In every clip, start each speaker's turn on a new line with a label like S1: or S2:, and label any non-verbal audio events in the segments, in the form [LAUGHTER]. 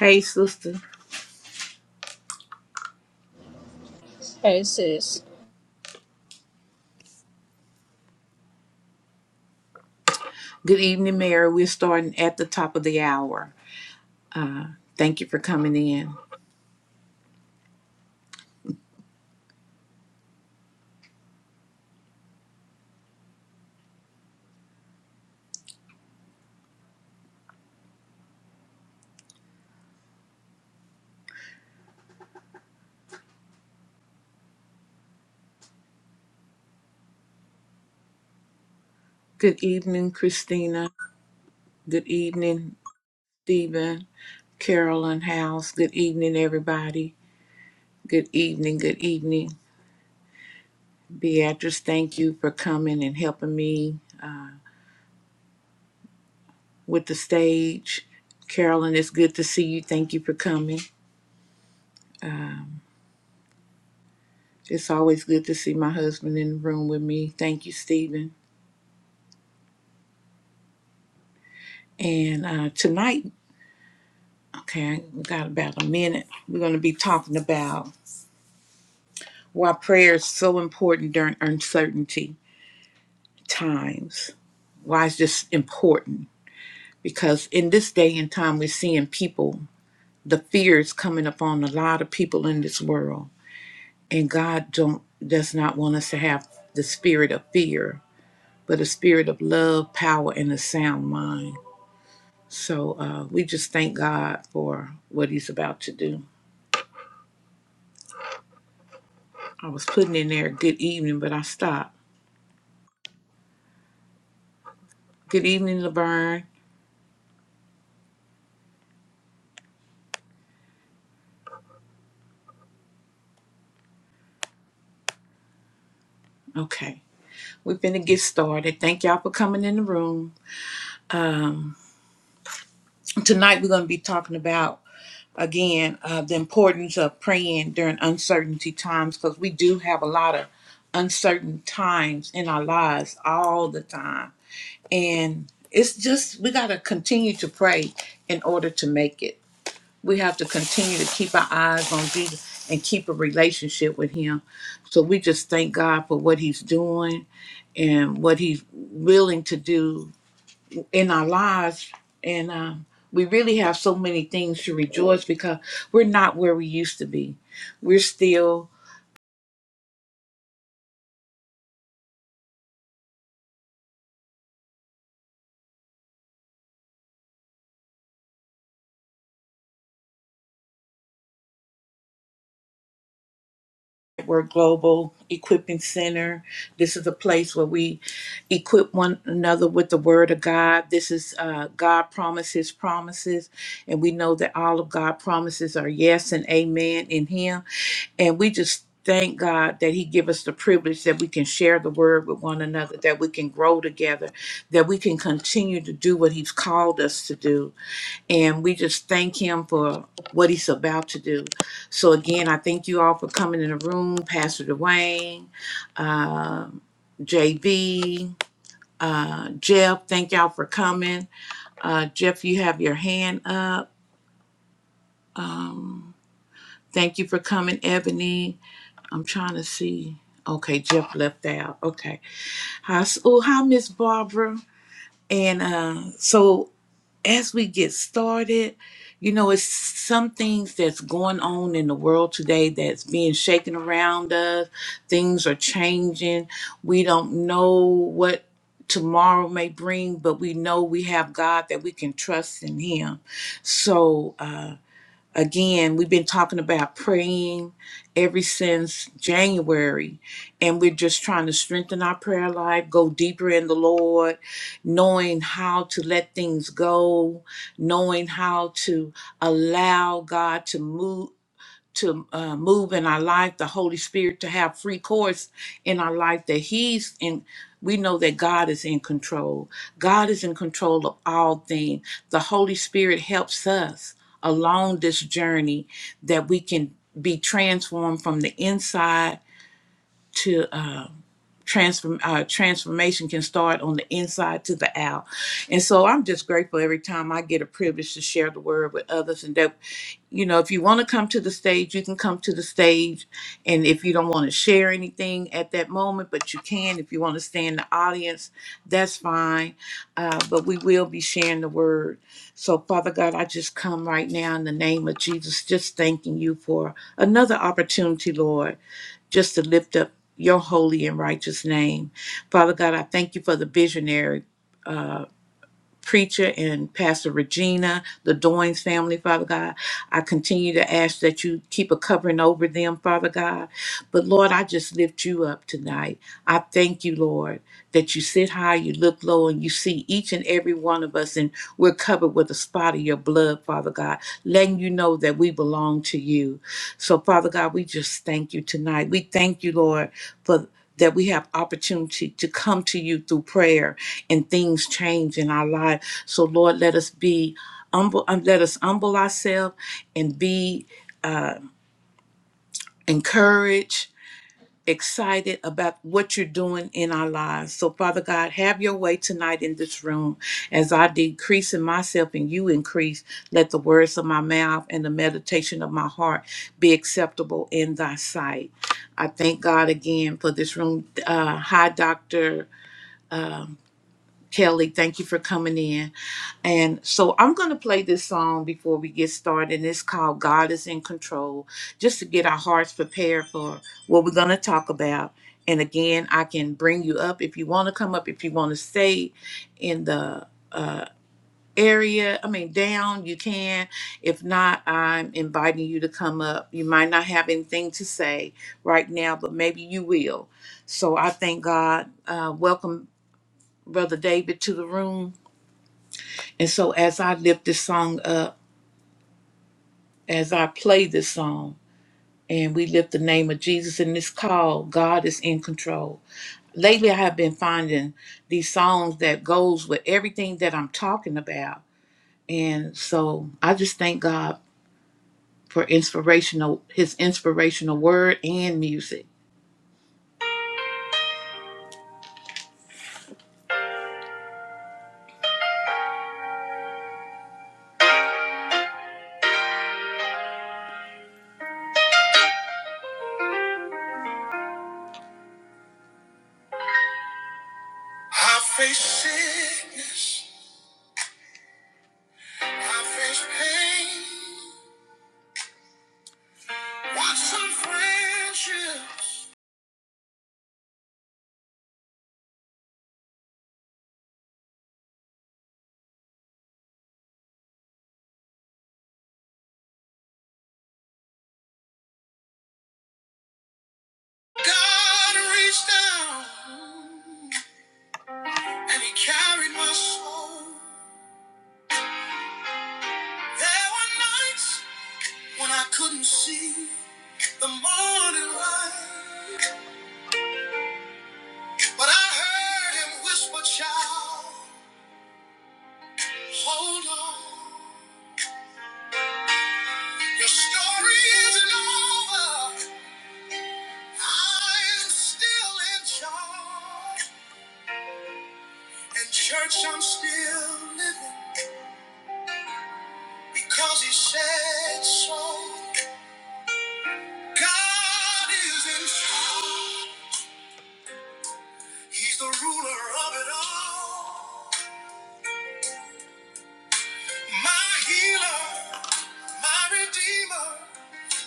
S1: Hey, sister.
S2: Yes, yes.
S1: Good evening, Mary. We're starting at the top of the hour. Thank you for coming in. Good evening, Christina. Good evening, Stephen, Carolyn House. Good evening, everybody. Good evening, good evening. Beatrice, thank you for coming and helping me with the stage. Carolyn, it's good to see you. Thank you for coming. Um, it's always good to see my husband in the room with me. Thank you, Stephen. And uh, tonight Okay, we got about a minute. We're going to be talking about why prayer is so important during uncertainty times. Why it's just important? Because in this day and time, we're seeing people, the fear is coming upon a lot of people in this world, and God don't does not want us to have the spirit of fear, but a spirit of love, power, and a sound mind. So uh, we just thank God for what He's about to do. I was putting in there good evening, but I stopped. Good evening, Laverne. Okay, we're going to get started. Thank y'all for coming in the room. Tonight, we're going to be talking about, again, uh, the importance of praying during uncertainty times because we do have a lot of uncertain times in our lives all the time. And it's just, we got to continue to pray in order to make it. we have to continue to keep our eyes on Jesus and keep a relationship with him. So we just thank God for what he's doing and what he's willing to do in our lives. And um, we really have so many things to rejoice because we're not where we used to be. We're still We're a global equipping center. This is a place where we equip one another with the word of God. This is uh, God promises promises, and we know that all of God promises are yes and amen in Him. And we just thank God that He give us the privilege that we can share the word with one another, that we can grow together, that we can continue to do what He's called us to do. And we just thank him for what he's about to do. So, again, I thank you all for coming in the room, Pastor Dwayne, uh, JB, uh, Jeff. Thank y'all for coming. Uh, Jeff, you have your hand up. Thank you for coming, Ebony. I'm trying to see. Okay, Jeff left out. Okay. Hi, s- oh, hi, Miss Barbara. And uh, so as we get started, you know, it's some things that's going on in the world today that's being shaken around us. Things are changing. We don't know what tomorrow may bring, but we know we have God that we can trust in Him. So, um, Again, we've been talking about praying ever since January, and we're just trying to strengthen our prayer life, go deeper in the Lord, knowing how to let things go, knowing how to allow God to move to uh, move in our life, the Holy Spirit to have free course in our life, that He's in. We know that God is in control. God is in control of all things. The Holy Spirit helps us along this journey that we can be transformed from the inside to. uh, transform uh, transformation can start on the inside to the out. And so I'm just grateful every time I get a privilege to share the word with others. And that, you know, if you want to come to the stage, you can come to the stage. And if you don't want to share anything at that moment, but you can, if you want to stay in the audience, that's fine. Uh, but we will be sharing the word. So, Father God, I just come right now in the name of Jesus, just thanking you for another opportunity, Lord just to lift up your holy and righteous name. Father God, I thank you for the visionary. uh, preacher and Pastor Regina, the Doynes family, Father God. I continue to ask that you keep a covering over them, Father God. But Lord, I just lift you up tonight. I thank you, Lord, that you sit high, you look low, and you see each and every one of us, and we're covered with a spot of your blood, Father God, letting you know that we belong to you. So, Father God, we just thank you tonight. We thank you, Lord, for that we have opportunity to come to you through prayer and things change in our life. So Lord, let us be humble, um, let us humble ourselves and be encouraged, excited about what you're doing in our lives. So Father God, have your way tonight in this room. As I decrease in myself and you increase, let the words of my mouth and the meditation of my heart be acceptable in thy sight. I thank God again for this room. Uh, hi, Dr. Um, Kelly, thank you for coming in. And so I'm going to play this song before we get started. It's called God is in Control, just to get our hearts prepared for what we're going to talk about. And again, I can bring you up if you want to come up, if you want to stay in the uh, area, I mean, down, you can. If not, I'm inviting you to come up. You might not have anything to say right now, but maybe you will. So I thank God. Uh, welcome, Brother David, to the room. And so as I lift this song up, as I play this song and we lift the name of Jesus in this call, God is in control. Lately I have been finding these songs that goes with everything that I'm talking about. And so I just thank God for inspirational his inspirational word and music. I face sickness, I face pain, watch some friendships. God reached down and he carried my soul. There were nights when I couldn't see the morning light, but I heard him whisper, "Child, hold on, your story isn't over. I'm still in charge, and church, I'm still living because He said so. God is in charge." He's the ruler of it all. My healer, my redeemer,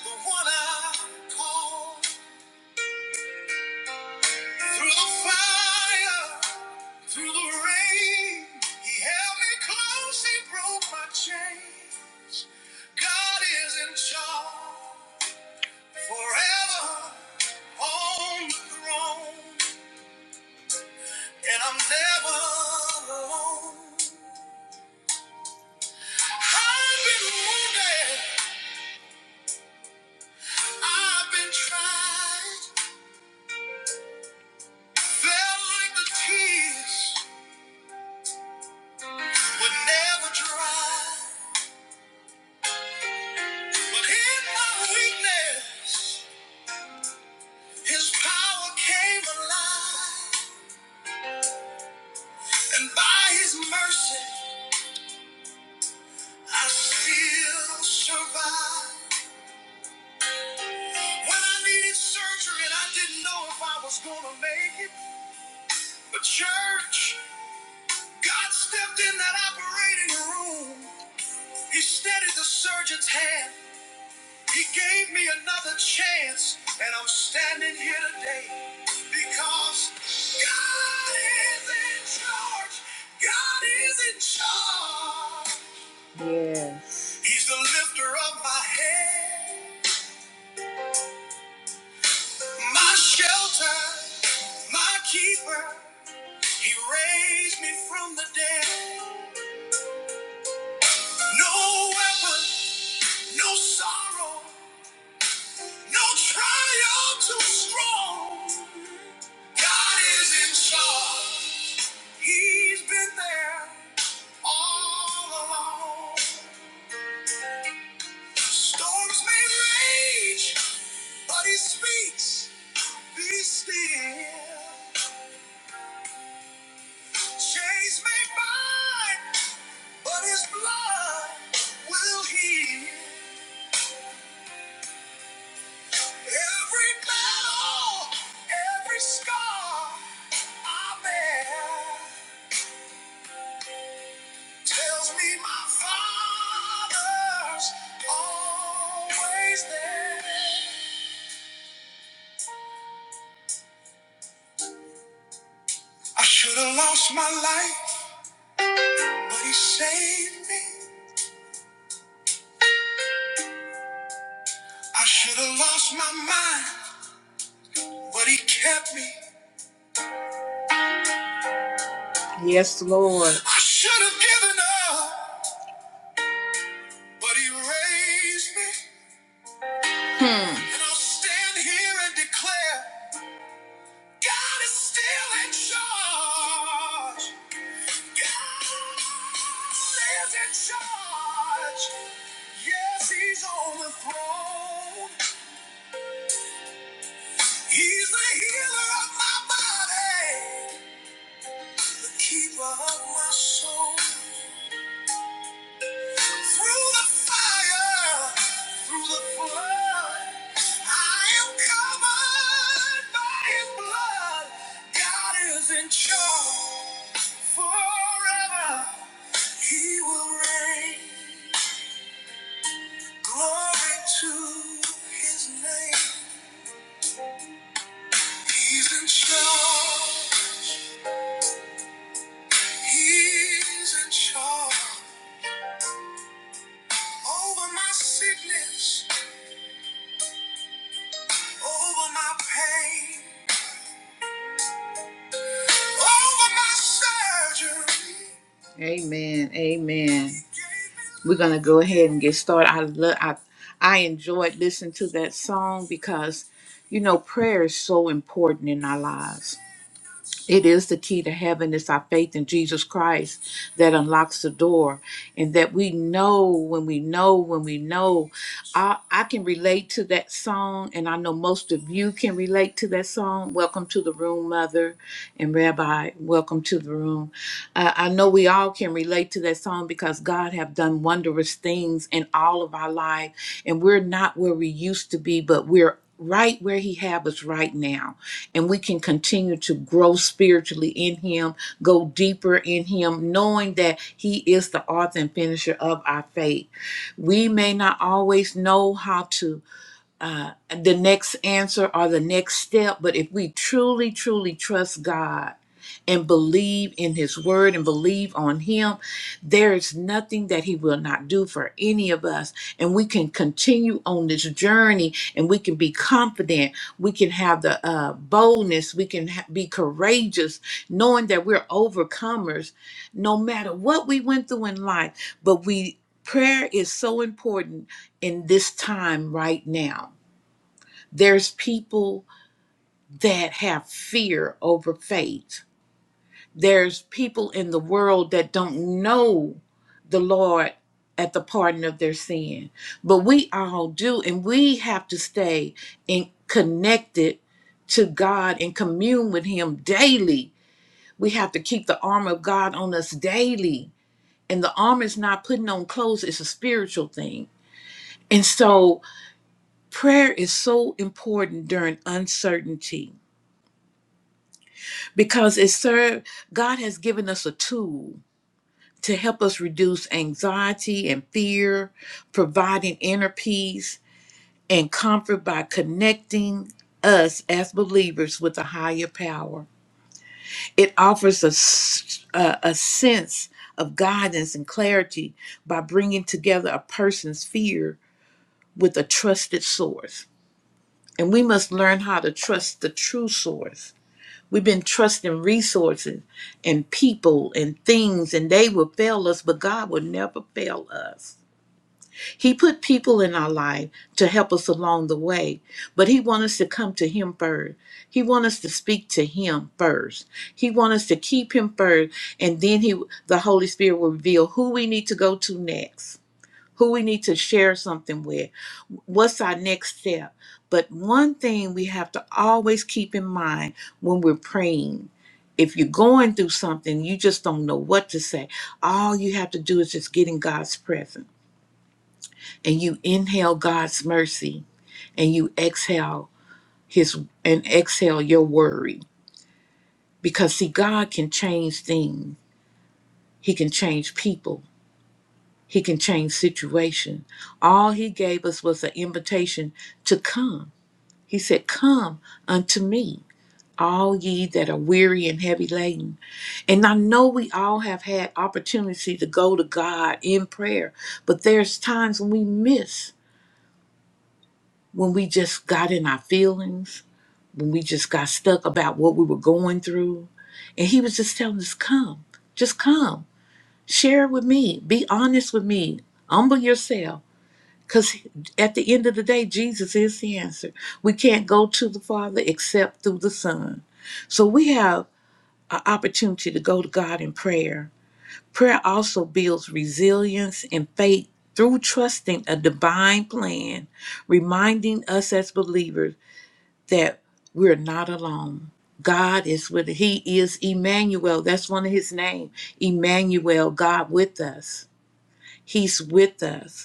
S1: the one I call. Through the fire, through the rain, he held me close, he broke my chains. God is in charge forever on the throne, and I'm never alone. I've been wounded. I've been tried, felt like the tears would never dry. But in my weakness, His power came alive, and by His mercy, I still survive. When I needed surgery and I didn't know if I was gonna make it, but church, God stepped in that operating room. He steadied the surgeon's hand He gave me another chance, and I'm standing here today because God is in charge. God is in charge. Yes. He's the lifter of my head, my shelter, my keeper. He raised me from the dead. No weapon, no sorrow. No trial too strong. God is in charge. He's been there all along. Storms may rage, but he speaks. Be still. Chains may bind, but his blood will heal. Every battle, every scar I bear. Tells me my father's always there. I should have lost my life, but he saved me. I should have lost my mind, but he kept me. Yes, Lord. I should have given up, but he raised me. And I'll stand here and declare God is still in charge. Lives in charge. Yes, he's on the throne. He's the healer of my body, the keeper of my soul. Through the fire, through the flood, I am covered by his blood. God is in charge forever. He will reign. Glory to his name. He's in charge. He's in charge. Over my sickness, over my pain, over my surgery. Amen. Amen. We're gonna go ahead and get started. I love I I enjoyed listening to that song because you know prayer is so important in our lives It is the key to heaven. It's our faith in Jesus Christ that unlocks the door, and that we know when we know when we know. I, I can relate to that song, and I know most of you can relate to that song. Welcome to the room, Mother and Rabbi. Welcome to the room. Uh, I know we all can relate to that song because God have done wondrous things in all of our life, and we're not where we used to be, but we're right where He have us right now and we can continue to grow spiritually in Him, go deeper in Him, knowing that He is the author and finisher of our faith. We may not always know how to uh, the next answer or the next step. But if we truly, truly trust God and believe in His Word and believe on Him, there is nothing that He will not do for any of us. And we can continue on this journey and we can be confident. We can have the uh, boldness. We can ha- be courageous, knowing that we're overcomers no matter what we went through in life. But we, prayer is so important in this time right now there's people that have fear over faith. There's people in the world that don't know the Lord at the pardon of their sin. But we all do, and we have to stay in connected to God and commune with Him daily. We have to keep the armor of God on us daily. And the armor is not putting on clothes, it's a spiritual thing. And so prayer is so important during uncertainty because it served god has given us a tool to help us reduce anxiety and fear providing inner peace and comfort by connecting us as believers with a higher power it offers us a a sense of guidance and clarity by bringing together a person's fear with a trusted source and we must learn how to trust the true source We've been trusting resources and people and things, and they will fail us, but God will never fail us. He put people in our life to help us along the way, but He wants us to come to Him first. He wants us to speak to Him first. He wants us to keep Him first, and then He, the Holy Spirit, will reveal who we need to go to next who we need to share something with, what's our next step. But one thing we have to always keep in mind when we're praying if you're going through something, you just don't know what to say. All you have to do is just get in God's presence and you inhale God's mercy and you exhale his and exhale your worry because see God can change things. He can change people. He can change situation. All he gave us was an invitation to come. He said, Come unto me, all ye that are weary and heavy laden. And I know we all have had opportunity to go to God in prayer, but there's times when we miss, when we just got in our feelings, when we just got stuck about what we were going through. And he was just telling us, Come, just come, share with me, be honest with me, humble yourself. Because at the end of the day, Jesus is the answer. We can't go to the Father except through the Son. So we have an opportunity to go to God in prayer. Prayer also builds resilience and faith through trusting a divine plan, reminding us as believers that we're not alone. God is with us. He is Emmanuel. That's one of his name. Emmanuel, God with us. He's with us.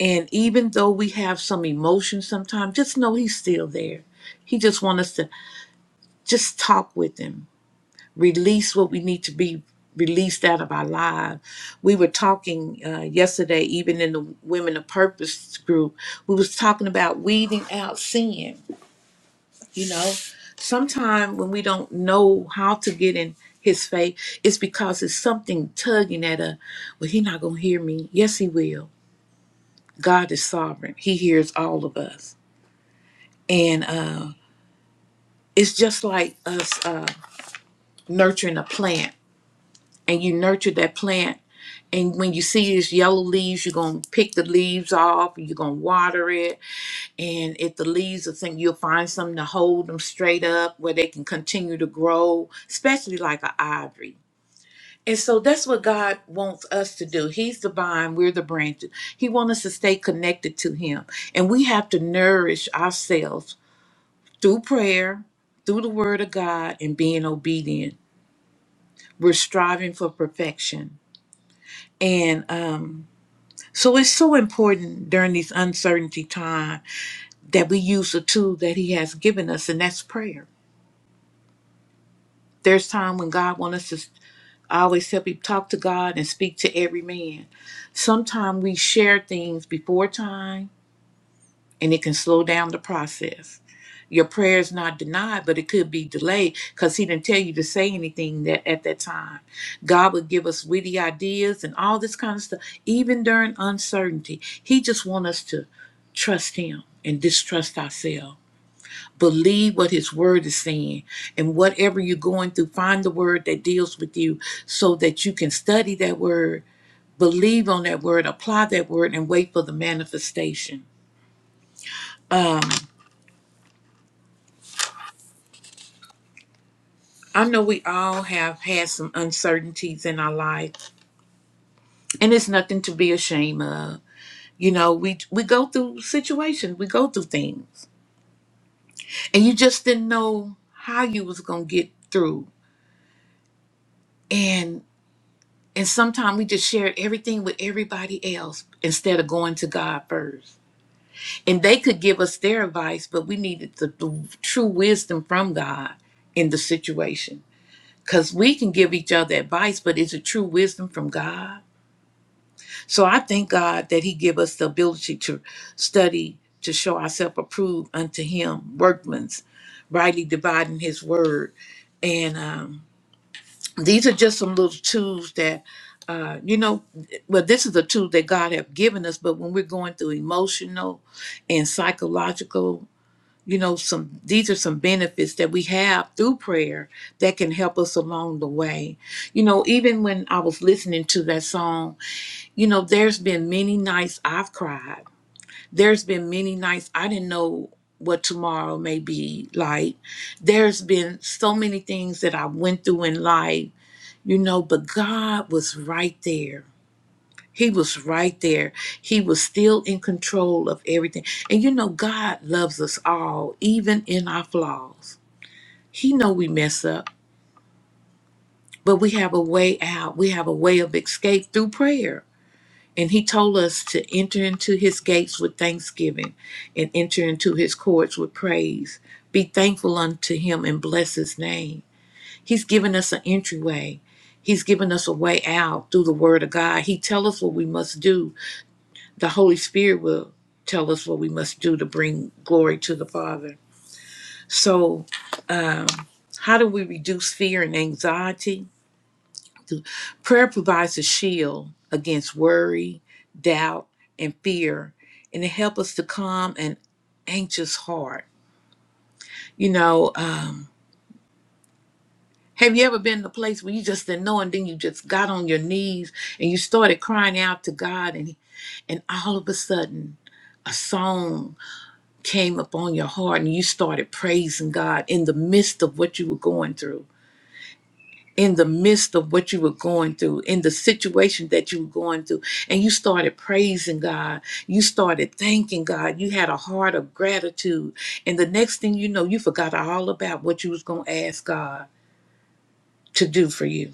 S1: And even though we have some emotion sometimes, just know he's still there. He just wants us to just talk with him, release what we need to be released out of our lives. We were talking uh, yesterday, even in the Women of Purpose group, we was talking about weeding out sin. You know, sometimes when we don't know how to get in his faith, it's because it's something tugging at us. Well, he not going to hear me. Yes, he will. God is sovereign. He hears all of us. and uh, it's just like us uh, nurturing a plant and you nurture that plant and when you see its yellow leaves you're going to pick the leaves off you're going to water it and if the leaves are thin you'll find something to hold them straight up where they can continue to grow especially like an ivory and so that's what god wants us to do he's the vine we're the branches he wants us to stay connected to him and we have to nourish ourselves Through prayer, through the word of God, and being obedient, we're striving for perfection. And um, so it's so important during these uncertainty time that we use the tool that He has given us, and that's prayer. There's time when God wants us to. I always help you talk to God and speak to every man. Sometimes we share things before time, and it can slow down the process. Your prayer is not denied, but it could be delayed because he didn't tell you to say anything that at that time. God would give us witty ideas and all this kind of stuff, even during uncertainty. He just wants us to trust him and distrust ourselves. Believe what his word is saying. And whatever you're going through, find the word that deals with you so that you can study that word, believe on that word, apply that word, and wait for the manifestation. I know we all have had some uncertainties in our life. and it's nothing to be ashamed of. You know, we we go through situations, we go through things, and you just didn't know how you was gonna get through. And and sometimes we just shared everything with everybody else instead of going to God first. And they could give us their advice, but we needed the, the true wisdom from God in the situation. Because we can give each other advice, but is it true wisdom from God? So I thank God that He give us the ability to study to show ourselves approved unto Him, workmen's, rightly dividing His word. And um, these are just some little tools that, uh, you know, well, this is a tool that God have given us. But when we're going through emotional and psychological, you know, some these are some benefits that we have through prayer that can help us along the way. You know, even when I was listening to that song you know, there's been many nights I've cried. There's been many nights I didn't know what tomorrow may be like. There's been so many things that I went through in life, you know, but God was right there. He was right there. He was still in control of everything. And you know, God loves us all, even in our flaws. He know we mess up, but we have a way out. We have a way of escape through prayer And he told us to enter into his gates with thanksgiving and enter into his courts with praise. Be thankful unto him and bless his name. He's given us an entryway. He's given us a way out through the word of God. He tells us what we must do. The Holy Spirit will tell us what we must do to bring glory to the Father. So, how do we reduce fear and anxiety? Prayer provides a shield against worry, doubt, and fear, and it helps us to calm an anxious heart. You know, um, have you ever been in a place where you just didn't know, and then you just got on your knees and you started crying out to God, and and all of a sudden a song came upon your heart, and you started praising God in the midst of what you were going through. in the midst of what you were going through, in the situation that you were going through, and you started praising God. You started thanking God. You had a heart of gratitude. And the next thing you know, you forgot all about what you was going to ask God to do for you.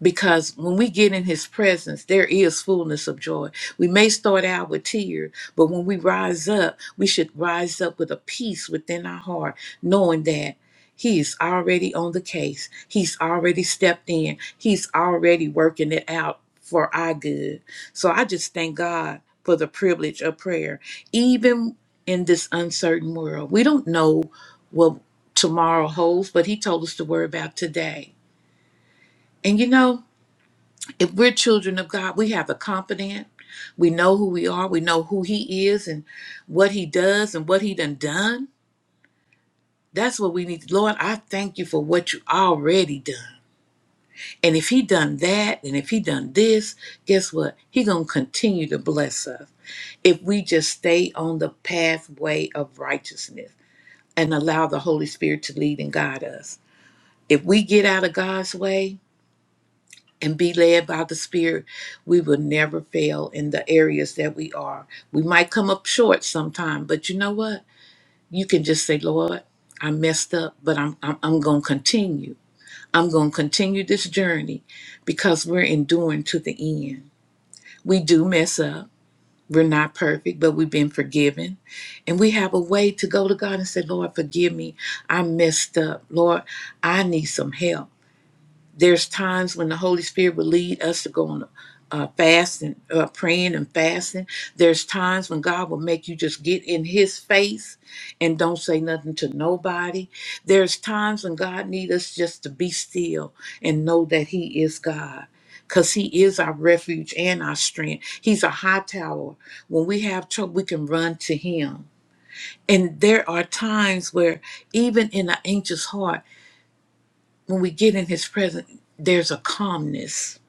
S1: because when we get in his presence there is fullness of joy we may start out with tears but when we rise up we should rise up with a peace within our heart knowing that he's already on the case he's already stepped in he's already working it out for our good so i just thank god for the privilege of prayer even in this uncertain world we don't know what tomorrow holds but he told us to worry about today and you know if we're children of God, we have a confidant. We know who we are. We know who He is and what He does and what He done done. That's what we need. Lord, I thank you for what you already done. And if He done that, and if He done this, guess what? He gonna continue to bless us if we just stay on the pathway of righteousness and allow the Holy Spirit to lead and guide us. If we get out of God's way, and be led by the Spirit, we will never fail in the areas that we are. We might come up short sometime, but you know what? You can just say, Lord, I messed up, but I'm I'm, I'm gonna continue. I'm gonna continue this journey because we're enduring to the end. We do mess up. We're not perfect, but we've been forgiven. And we have a way to go to God and say, Lord, forgive me. I messed up. Lord, I need some help there's times when the Holy Spirit will lead us to go on uh, fasting, uh, praying and fasting. There's times when God will make you just get in His face and don't say nothing to nobody. There's times when God needs us just to be still and know that He is God. Because he is our refuge and our strength. He's a high tower. When we have trouble, we can run to him. And there are times where, even in an anxious heart, when we get in his presence, there's a calmness.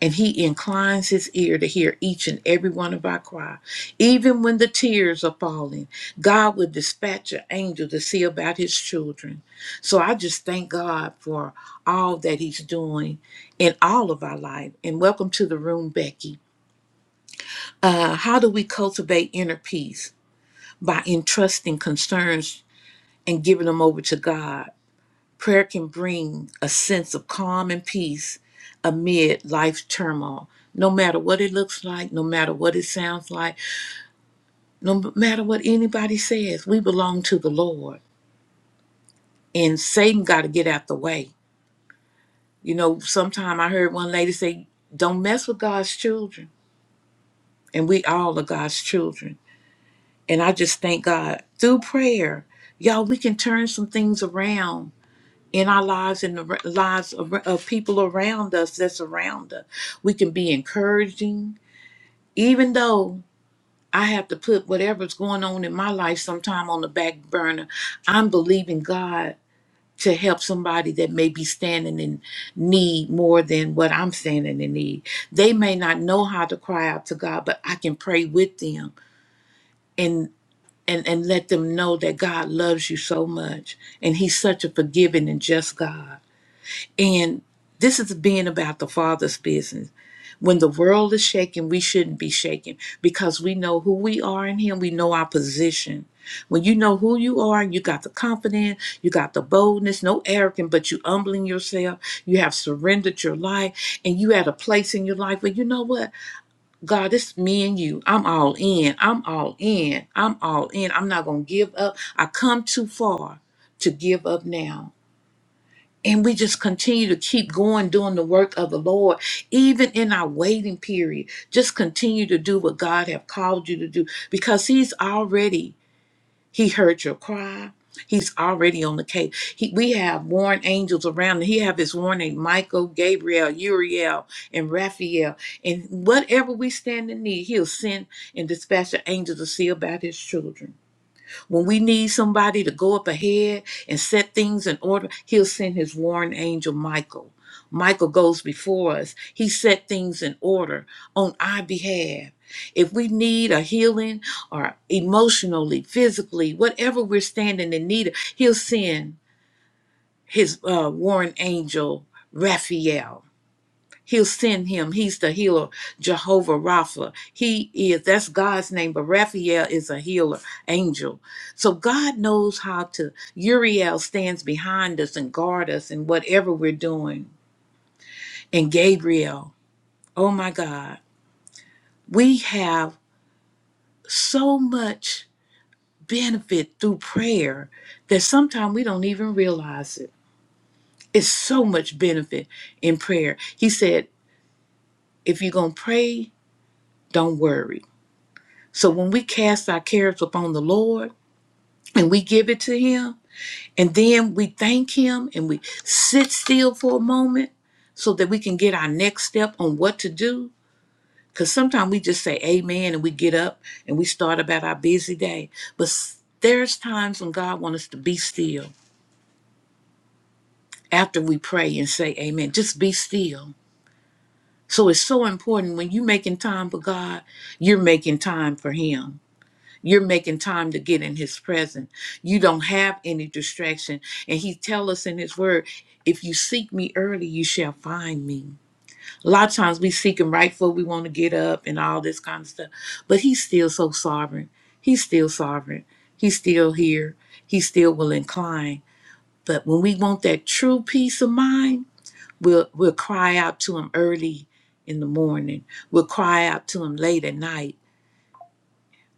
S1: And he inclines his ear to hear each and every one of our cry. Even when the tears are falling, God will dispatch an angel to see about his children. So I just thank God for all that he's doing in all of our life. And welcome to the room, Becky. Uh, how do we cultivate inner peace? By entrusting concerns and giving them over to God Prayer can bring a sense of calm and peace amid life's turmoil, no matter what it looks like, no matter what it sounds like, no matter what anybody says. We belong to the Lord, and Satan got to get out the way. You know, sometime I heard one lady say, "Don't mess with God's children," and we all are God's children. And I just thank God through prayer, y'all. We can turn some things around in our lives and the r- lives of, of people around us that's around us. We can be encouraging, even though I have to put whatever's going on in my life sometime on the back burner. I'm believing God to help somebody that may be standing in need more than what I'm standing in need. They may not know how to cry out to God, but I can pray with them and and and let them know that God loves you so much and he's such a forgiving and just God. And this is being about the Father's business. When the world is shaking, we shouldn't be shaken because we know who we are in Him. We know our position. When you know who you are, you got the confidence, you got the boldness, no arrogance, but you humbling yourself. You have surrendered your life, and you at a place in your life where you know what, God, it's me and you. I'm all in. I'm all in. I'm all in. I'm not gonna give up. I come too far to give up now. And we just continue to keep going doing the work of the Lord, even in our waiting period. Just continue to do what God have called you to do because He's already, He heard your cry. He's already on the case. He, we have warring angels around. He have his warning, Michael, Gabriel, Uriel, and Raphael. And whatever we stand in need, he'll send and dispatch the angels to see about his children. When we need somebody to go up ahead and set things in order, he'll send his warring angel Michael. Michael goes before us. He set things in order on our behalf. If we need a healing or emotionally, physically, whatever we're standing in need of, he'll send his uh, warring angel Raphael. He'll send him. He's the healer, Jehovah Rapha. He is, that's God's name, but Raphael is a healer, angel. So God knows how to, Uriel stands behind us and guard us in whatever we're doing. And Gabriel, oh my God, we have so much benefit through prayer that sometimes we don't even realize it. It's so much benefit in prayer. He said, if you're going to pray, don't worry. So when we cast our cares upon the Lord and we give it to Him, and then we thank Him and we sit still for a moment so that we can get our next step on what to do. Because sometimes we just say amen and we get up and we start about our busy day. But s- there's times when God wants us to be still after we pray and say amen. Just be still. So it's so important when you're making time for God, you're making time for Him you're making time to get in his presence you don't have any distraction and he tell us in his word if you seek me early you shall find me a lot of times we seek him right before we want to get up and all this kind of stuff but he's still so sovereign he's still sovereign he's still here he still will incline but when we want that true peace of mind we'll we'll cry out to him early in the morning we'll cry out to him late at night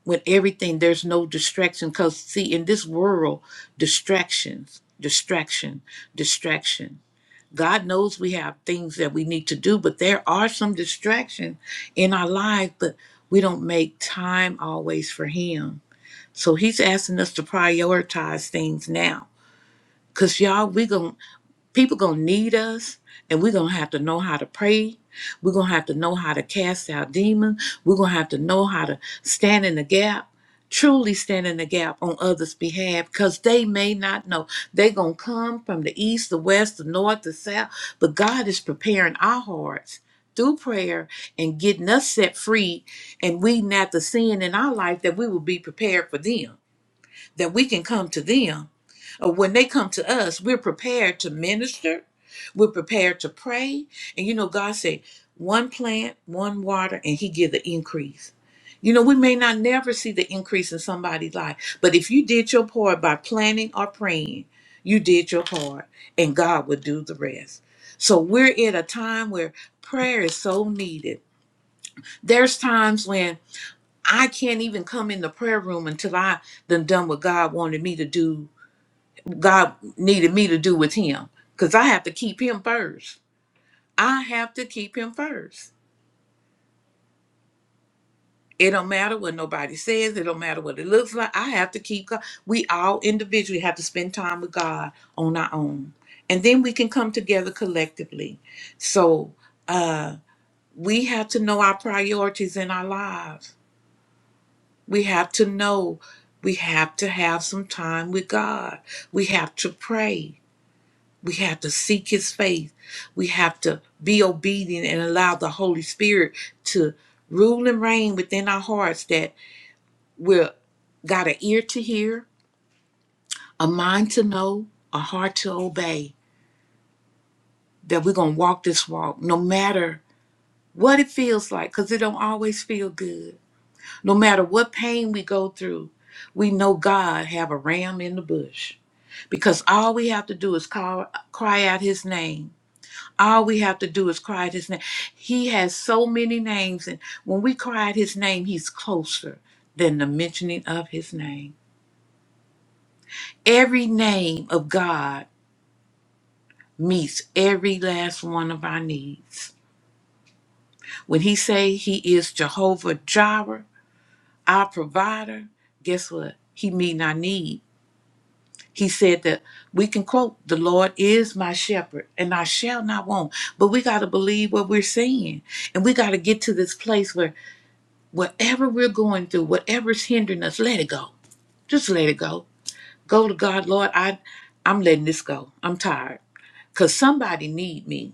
S1: with everything there's no distraction because see in this world distractions distraction distraction god knows we have things that we need to do but there are some distractions in our lives but we don't make time always for him so he's asking us to prioritize things now because y'all we gon' people gonna need us and we're gonna have to know how to pray we're gonna have to know how to cast out demons we're gonna have to know how to stand in the gap truly stand in the gap on others behalf because they may not know they're gonna come from the east the west the north the south but god is preparing our hearts through prayer and getting us set free and weeding out the sin in our life that we will be prepared for them that we can come to them. Or when they come to us, we're prepared to minister, we're prepared to pray. And you know, God said, one plant, one water, and He give the increase. You know, we may not never see the increase in somebody's life, but if you did your part by planning or praying, you did your part, and God will do the rest. So we're at a time where prayer is so needed. There's times when I can't even come in the prayer room until I done done what God wanted me to do. God needed me to do with Him, cause I have to keep Him first. I have to keep Him first. It don't matter what nobody says. It don't matter what it looks like. I have to keep God. We all individually have to spend time with God on our own, and then we can come together collectively. So uh, we have to know our priorities in our lives We have to know. We have to have some time with God. We have to pray. We have to seek His face. We have to be obedient and allow the Holy Spirit to rule and reign within our hearts that we're got an ear to hear, a mind to know, a heart to obey, that we're going to walk this walk no matter what it feels like, because it don't always feel good. No matter what pain we go through, we know God have a ram in the bush because all we have to do is call, cry out his name. All we have to do is cry out his name. He has so many names, and when we cry out his name, he's closer than the mentioning of his name. Every name of God meets every last one of our needs. When he say he is Jehovah Jireh, our provider, guess what? He meet our need. He said that we can quote, The Lord is my shepherd, and I shall not want. But we got to believe what we're saying. And we got to get to this place where whatever we're going through, whatever's hindering us, let it go. Just let it go. Go to God, Lord, I, I'm letting this go. I'm tired. Because somebody need me.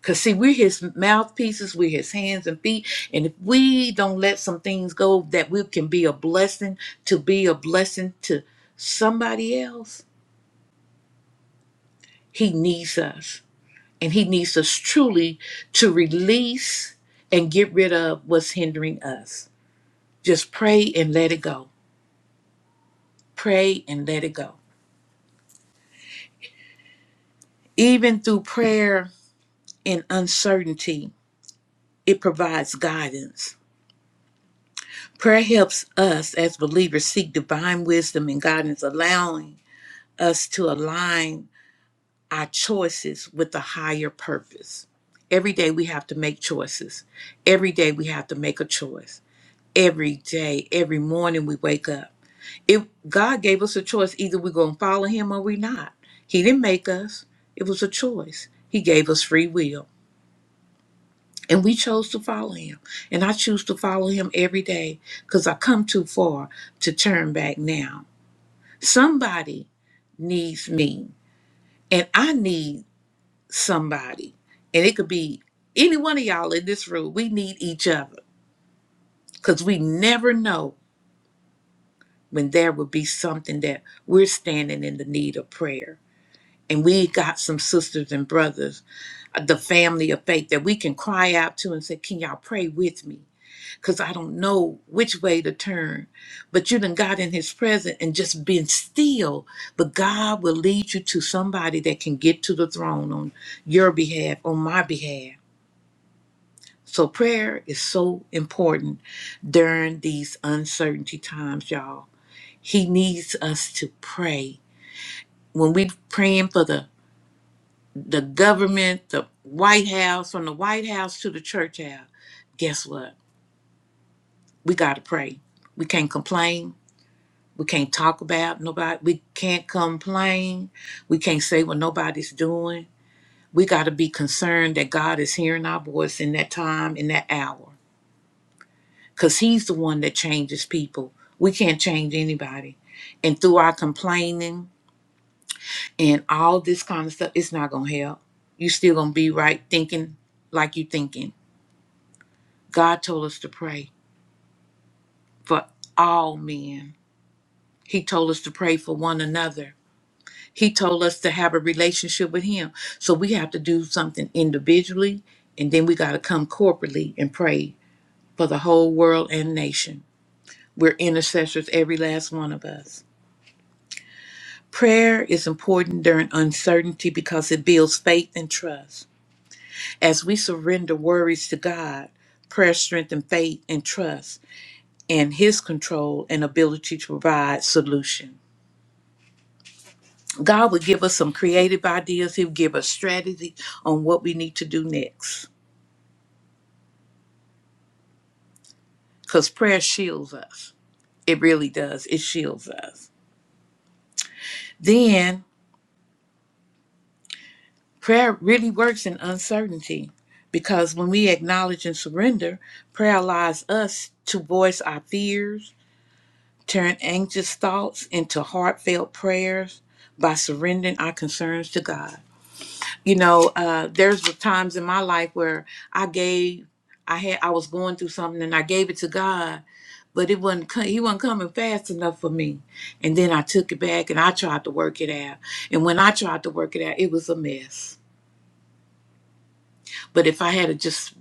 S1: Because see, we're his mouthpieces, we're his hands and feet. And if we don't let some things go that we can be a blessing to be a blessing to somebody else, he needs us. And He needs us truly to release and get rid of what's hindering us. Just pray and let it go. Pray and let it go. Even through prayer and uncertainty, it provides guidance. Prayer helps us as believers seek divine wisdom and guidance, allowing us to align our choices with a higher purpose. Every day we have to make choices. Every day we have to make a choice. Every day, every morning we wake up. It God gave us a choice. Either we're gonna follow him or we are not. He didn't make us. It was a choice. He gave us free will. And we chose to follow him. And I choose to follow him every day because I come too far to turn back now. Somebody needs me, and I need somebody. And it could be any one of y'all in this room. We need each other because we never know when there will be something that we're standing in the need of prayer. and we got some sisters and brothers, uh, the family of faith that we can cry out to and say, Can y'all pray with me? Because I don't know which way to turn. But you done got in his presence and just been still. But God will lead you to somebody that can get to the throne on your behalf, on my behalf. So prayer is so important during these uncertainty times, y'all. He needs us to pray. When we praying for the the government, the White House, from the White House to the church house. Guess what? We got to pray. We can't complain. We can't talk about nobody. We can't complain. We can't say what nobody's doing. We got to be concerned that God is hearing our voice in that time, in that hour, because He's the one that changes people. We can't change anybody. And through our complaining and all this kind of stuff, it's not going to help. you still going to be right thinking like you thinking God told us to pray for all men. He told us to pray for one another. He told us to have a relationship with Him. So we have to do something individually, and then we got to come corporately and pray for the whole world and nation. We're intercessors, every last one of us. Prayer is important during uncertainty because it builds faith and trust. As we surrender worries to God, prayer strengthens faith and trust in His control and ability to provide solution. God would give us some creative ideas. He'll give us strategy on what we need to do next. Because prayer shields us. It really does. It shields us. Then prayer really works in uncertainty because when we acknowledge and surrender, prayer allows us to voice our fears, turn anxious thoughts into heartfelt prayers by surrendering our concerns to God. you know uh there's the times in my life where i gave i had i was going through something and i gave it to god but it wasn't co- he wasn't coming fast enough for me and then i took it back and i tried to work it out and when i tried to work it out it was a mess but if i had have just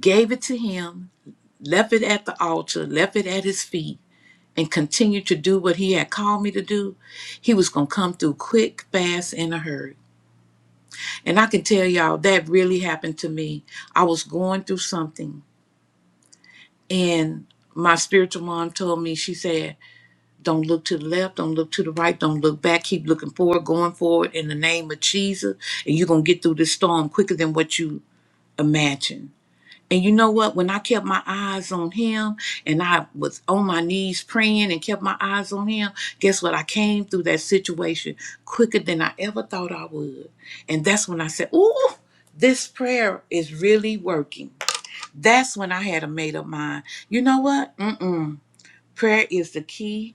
S1: gave it to him left it at the altar left it at his feet and continued to do what he had called me to do he was going to come through quick fast in a hurry And I can tell y'all that really happened to me. I was going through something, and my spiritual mom told me, she said, Don't look to the left, don't look to the right, don't look back, keep looking forward, going forward in the name of Jesus, and you're going to get through this storm quicker than what you imagine. And you know what? When I kept my eyes on him and I was on my knees praying and kept my eyes on him, guess what? I came through that situation quicker than I ever thought I would. And that's when I said, Ooh, this prayer is really working. That's when I had a made up mind. You know what? Mm-mm. Prayer is the key.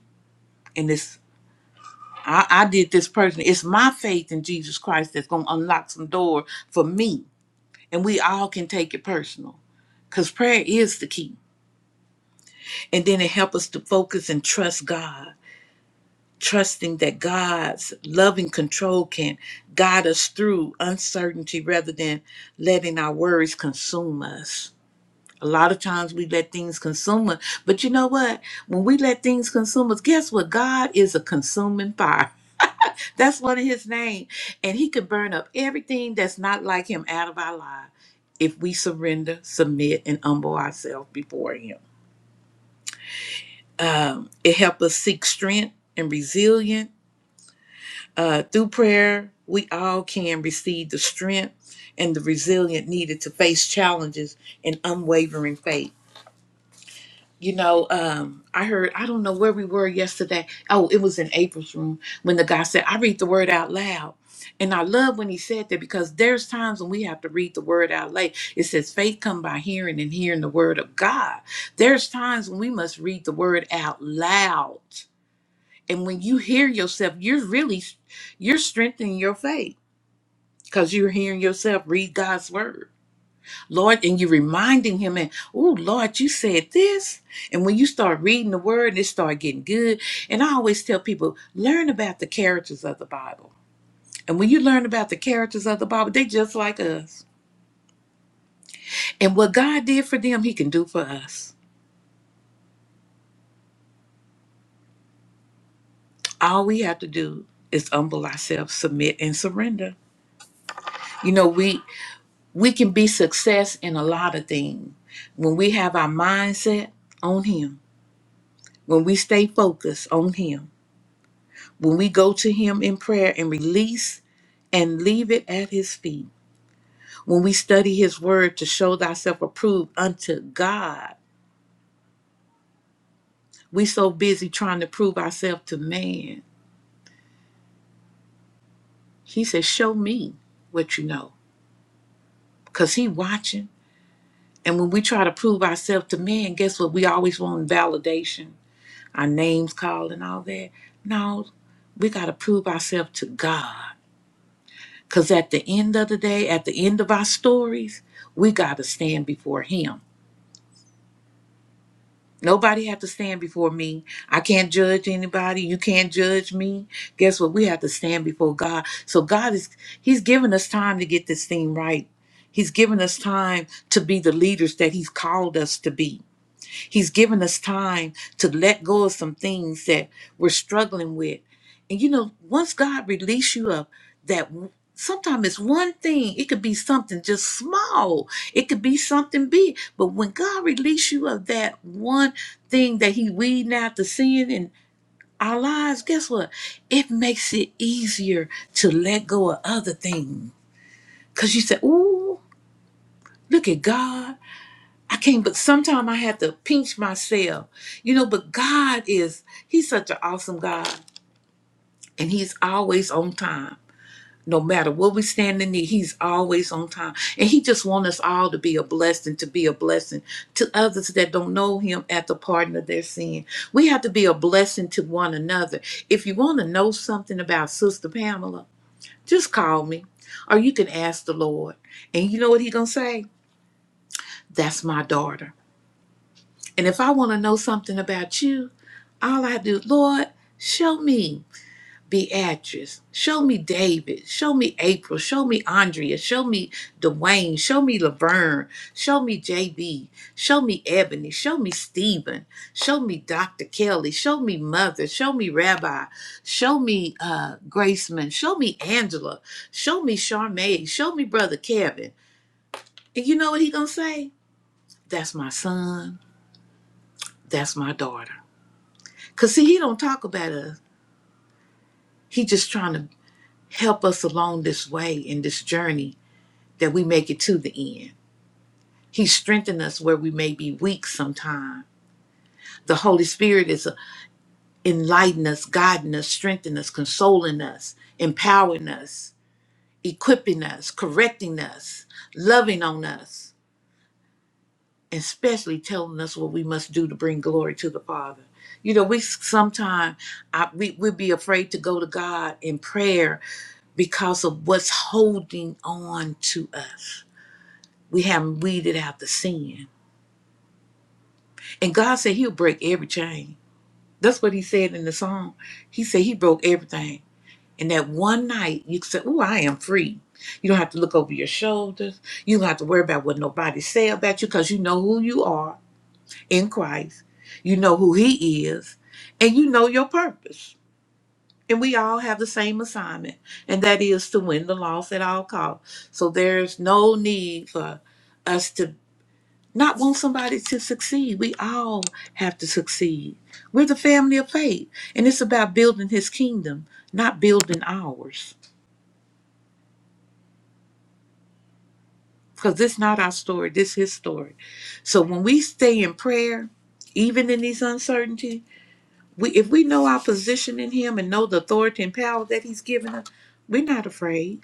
S1: And this, I, I did this personally. It's my faith in Jesus Christ that's going to unlock some door for me. And we all can take it personal because prayer is the key And then it helps us to focus and trust God, trusting that God's loving control can guide us through uncertainty rather than letting our worries consume us. A lot of times we let things consume us, but you know what? When we let things consume us, guess what? God is a consuming fire. [LAUGHS] That's one of his name. And he can burn up everything that's not like him out of our lives if we surrender, submit, and humble ourselves before him. Um, it helps us seek strength and resilience. Uh, through prayer, we all can receive the strength and the resilience needed to face challenges and unwavering faith. You know, um, I heard, I don't know where we were yesterday. Oh, it was in April's room when the guy said, I read the word out loud. And I love when he said that because there's times when we have to read the word out loud. It says faith come by hearing and hearing the word of God. There's times when we must read the word out loud and when you hear yourself you're really you're strengthening your faith because you're hearing yourself read god's word lord and you're reminding him and oh lord you said this and when you start reading the word and it start getting good and i always tell people learn about the characters of the bible and when you learn about the characters of the bible they just like us and what god did for them he can do for us all we have to do is humble ourselves submit and surrender you know we we can be success in a lot of things when we have our mindset on him when we stay focused on him when we go to him in prayer and release and leave it at his feet when we study his word to show thyself approved unto god we so busy trying to prove ourselves to man he says show me what you know because he watching and when we try to prove ourselves to man guess what we always want validation our names called and all that. No, we got to prove ourselves to God. Because at the end of the day, at the end of our stories, we got to stand before Him. Nobody have to stand before me. I can't judge anybody. You can't judge me. Guess what? We have to stand before God. So God is, He's given us time to get this thing right. He's given us time to be the leaders that He's called us to be. He's given us time to let go of some things that we're struggling with. And you know, once God release you of that, sometimes it's one thing. It could be something just small. It could be something big. But when God release you of that one thing that He weeding out the sin in our lives, guess what? It makes it easier to let go of other things. Cause you say, "Ooh, look at God." I can't, but sometimes I have to pinch myself, you know. But God is, He's such an awesome God, and He's always on time. No matter what we stand in need, He's always on time. And He just wants us all to be a blessing, to be a blessing to others that don't know Him at the pardon of their sin. We have to be a blessing to one another. If you want to know something about Sister Pamela, just call me, or you can ask the Lord. And you know what He going to say? That's my daughter. And if I want to know something about you, all I do, Lord, show me Beatrice, show me David, show me April, show me Andrea, show me Dwayne, show me Laverne, show me JB, show me Ebony, show me Stephen, show me Dr. Kelly, show me Mother, show me Rabbi, show me uh, Graceman, show me Angela, show me Charmaine, show me Brother Kevin. And you know what he gonna say? That's my son, that's my daughter. Cause see, he don't talk about us. He just trying to help us along this way in this journey that we make it to the end. He strengthen us where we may be weak sometime. The Holy Spirit is uh, enlightening us, guiding us, strengthening us, consoling us, empowering us, equipping us, correcting us, loving on us, and especially telling us what we must do to bring glory to the Father. You know, we sometimes we we be afraid to go to God in prayer because of what's holding on to us. We haven't weeded out the sin. And God said He'll break every chain. That's what He said in the song. He said He broke everything. And that one night, you said, Oh, I am free. You don't have to look over your shoulders. You don't have to worry about what nobody say about you because you know who you are in Christ. You know who He is. And you know your purpose. And we all have the same assignment, and that is to win the loss at all costs. So there's no need for us to not want somebody to succeed. We all have to succeed. We're the family of faith, and it's about building his kingdom, not building ours. Because this is not our story, this is his story. So when we stay in prayer, even in these uncertainty, we if we know our position in him and know the authority and power that he's given us, we're not afraid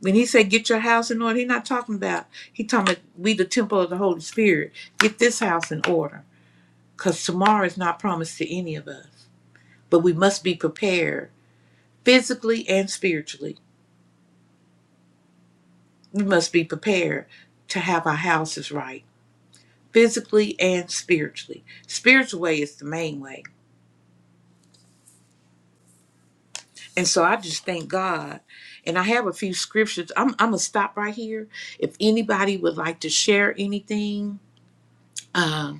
S1: When he said get your house in order, he's not talking about he talking about we the temple of the Holy Spirit. Get this house in order. Cause tomorrow is not promised to any of us. But we must be prepared physically and spiritually. We must be prepared to have our houses right. Physically and spiritually. Spiritual way is the main way. And so I just thank God. And I have a few scriptures. I'm I'm gonna stop right here. If anybody would like to share anything, um,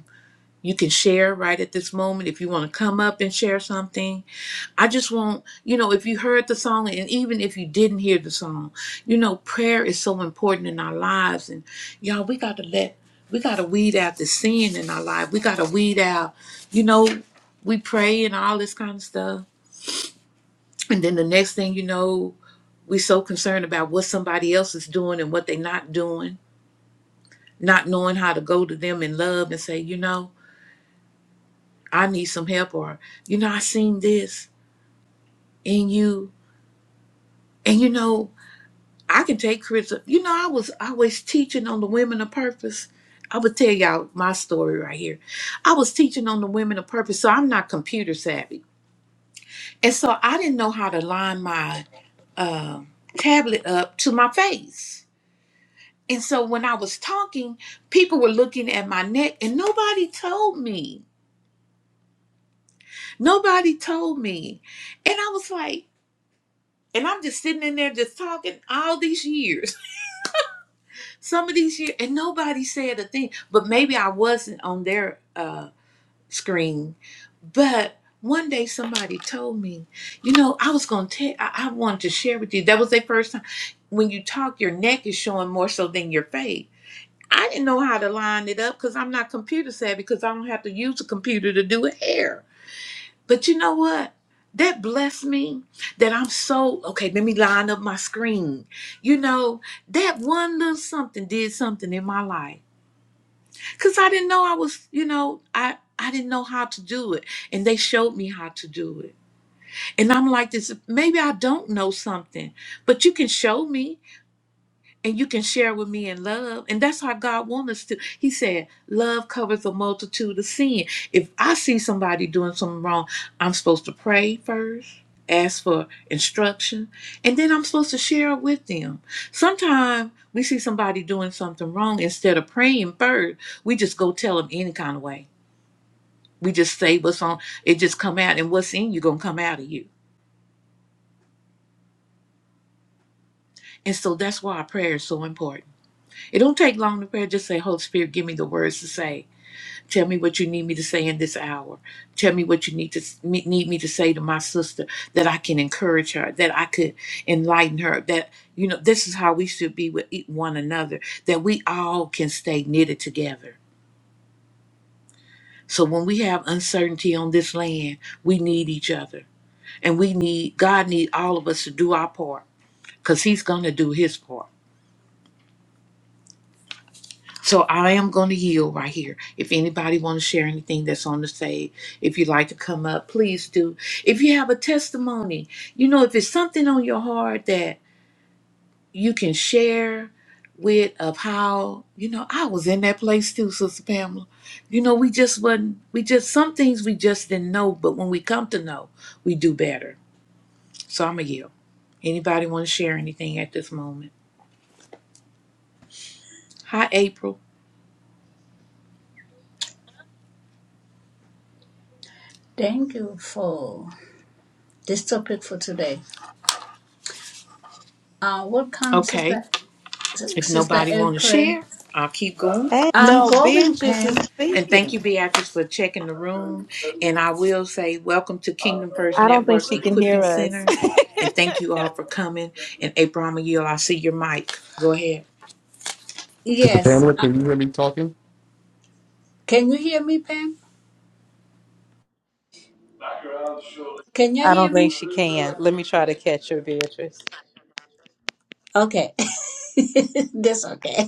S1: You can share right at this moment if you want to come up and share something. I just want, you know, if you heard the song and even if you didn't hear the song, you know, prayer is so important in our lives. And y'all, we got to let, we got to weed out the sin in our life. We got to weed out, you know, we pray and all this kind of stuff. And then the next thing you know, we are so concerned about what somebody else is doing and what they are not doing, not knowing how to go to them in love and say, you know, I need some help or, you know, I seen this. and you and you know i can take criticism you know i was always teaching on the women of purpose i would tell y'all my story right here i was teaching on the women of purpose so i'm not computer savvy and so i didn't know how to line my uh, tablet up to my face and so when i was talking people were looking at my neck and nobody told me nobody told me and i was like and i'm just sitting in there just talking all these years Some of these years, and nobody said a thing, but maybe I wasn't on their uh, screen. But one day somebody told me, you know, I was going to tell, I-, I wanted to share with you. That was their first time. When you talk, your neck is showing more so than your face. I didn't know how to line it up because I'm not computer savvy because I don't have to use a computer to do hair. But you know what? That blessed me that I'm so okay. Let me line up my screen. You know, that one little something did something in my life because I didn't know I was, you know, I I didn't know how to do it, and they showed me how to do it. And I'm like, this maybe I don't know something, but you can show me and you can share with me in love. And that's how God wants us to. He said, Love covers a multitude of sin. If I see somebody doing something wrong, I'm supposed to pray first, ask for instruction, and then I'm supposed to share it with them. Sometimes we see somebody doing something wrong, instead of praying first, we just go tell them any kind of way. We just say what's on, it just come out, and what's in you gonna come out of you. And so that's why our prayer is so important. It don't take long to pray. Just say, Holy Spirit, give me the words to say Tell me what you need me to say in this hour. Tell me what you need to need me to say to my sister that I can encourage her, that I could enlighten her. That you know, this is how we should be with e- one another. That we all can stay knitted together. So when we have uncertainty on this land, we need each other, and we need God need all of us to do our part because He's going to do His part. So I am going to yield right here. If anybody want to share anything that's on the stage, if you'd like to come up, please do. If you have a testimony, you know, if it's something on your heart that you can share with of how, you know, I was in that place too, Sister Pamela. You know, we just wasn't, we just, some things we just didn't know, but when we come to know, we do better. So I'm going to yield. Anybody want to share anything at this moment? Hi, April.
S2: Thank you for this topic for today. Uh, welcome,
S1: Okay.
S2: Sister
S1: If
S2: Sister
S1: nobody want to
S2: April.
S1: share, I'll keep going.
S3: Hey,
S2: I'm
S3: no,
S2: going,
S3: Beatrice
S2: Pam.
S3: is
S1: And thank
S3: speaking.
S1: you, Beatrice, for checking the room. And I will say, welcome to Kingdom First
S3: I don't think
S1: Network
S3: she can
S1: Equipping
S3: hear us. [LAUGHS]
S1: Center. And thank you all for coming. And April, I'm gonna yield. I see your mic. Go ahead.
S4: Sister
S2: Yes.
S4: Pamela,
S2: Uh,
S4: can you hear me talking?
S2: can you hear me, Pam? Can you
S3: I don't
S2: hear
S3: think
S2: me?
S3: she can. Let me try to catch her, Beatrice.
S2: Okay, [LAUGHS] that's okay.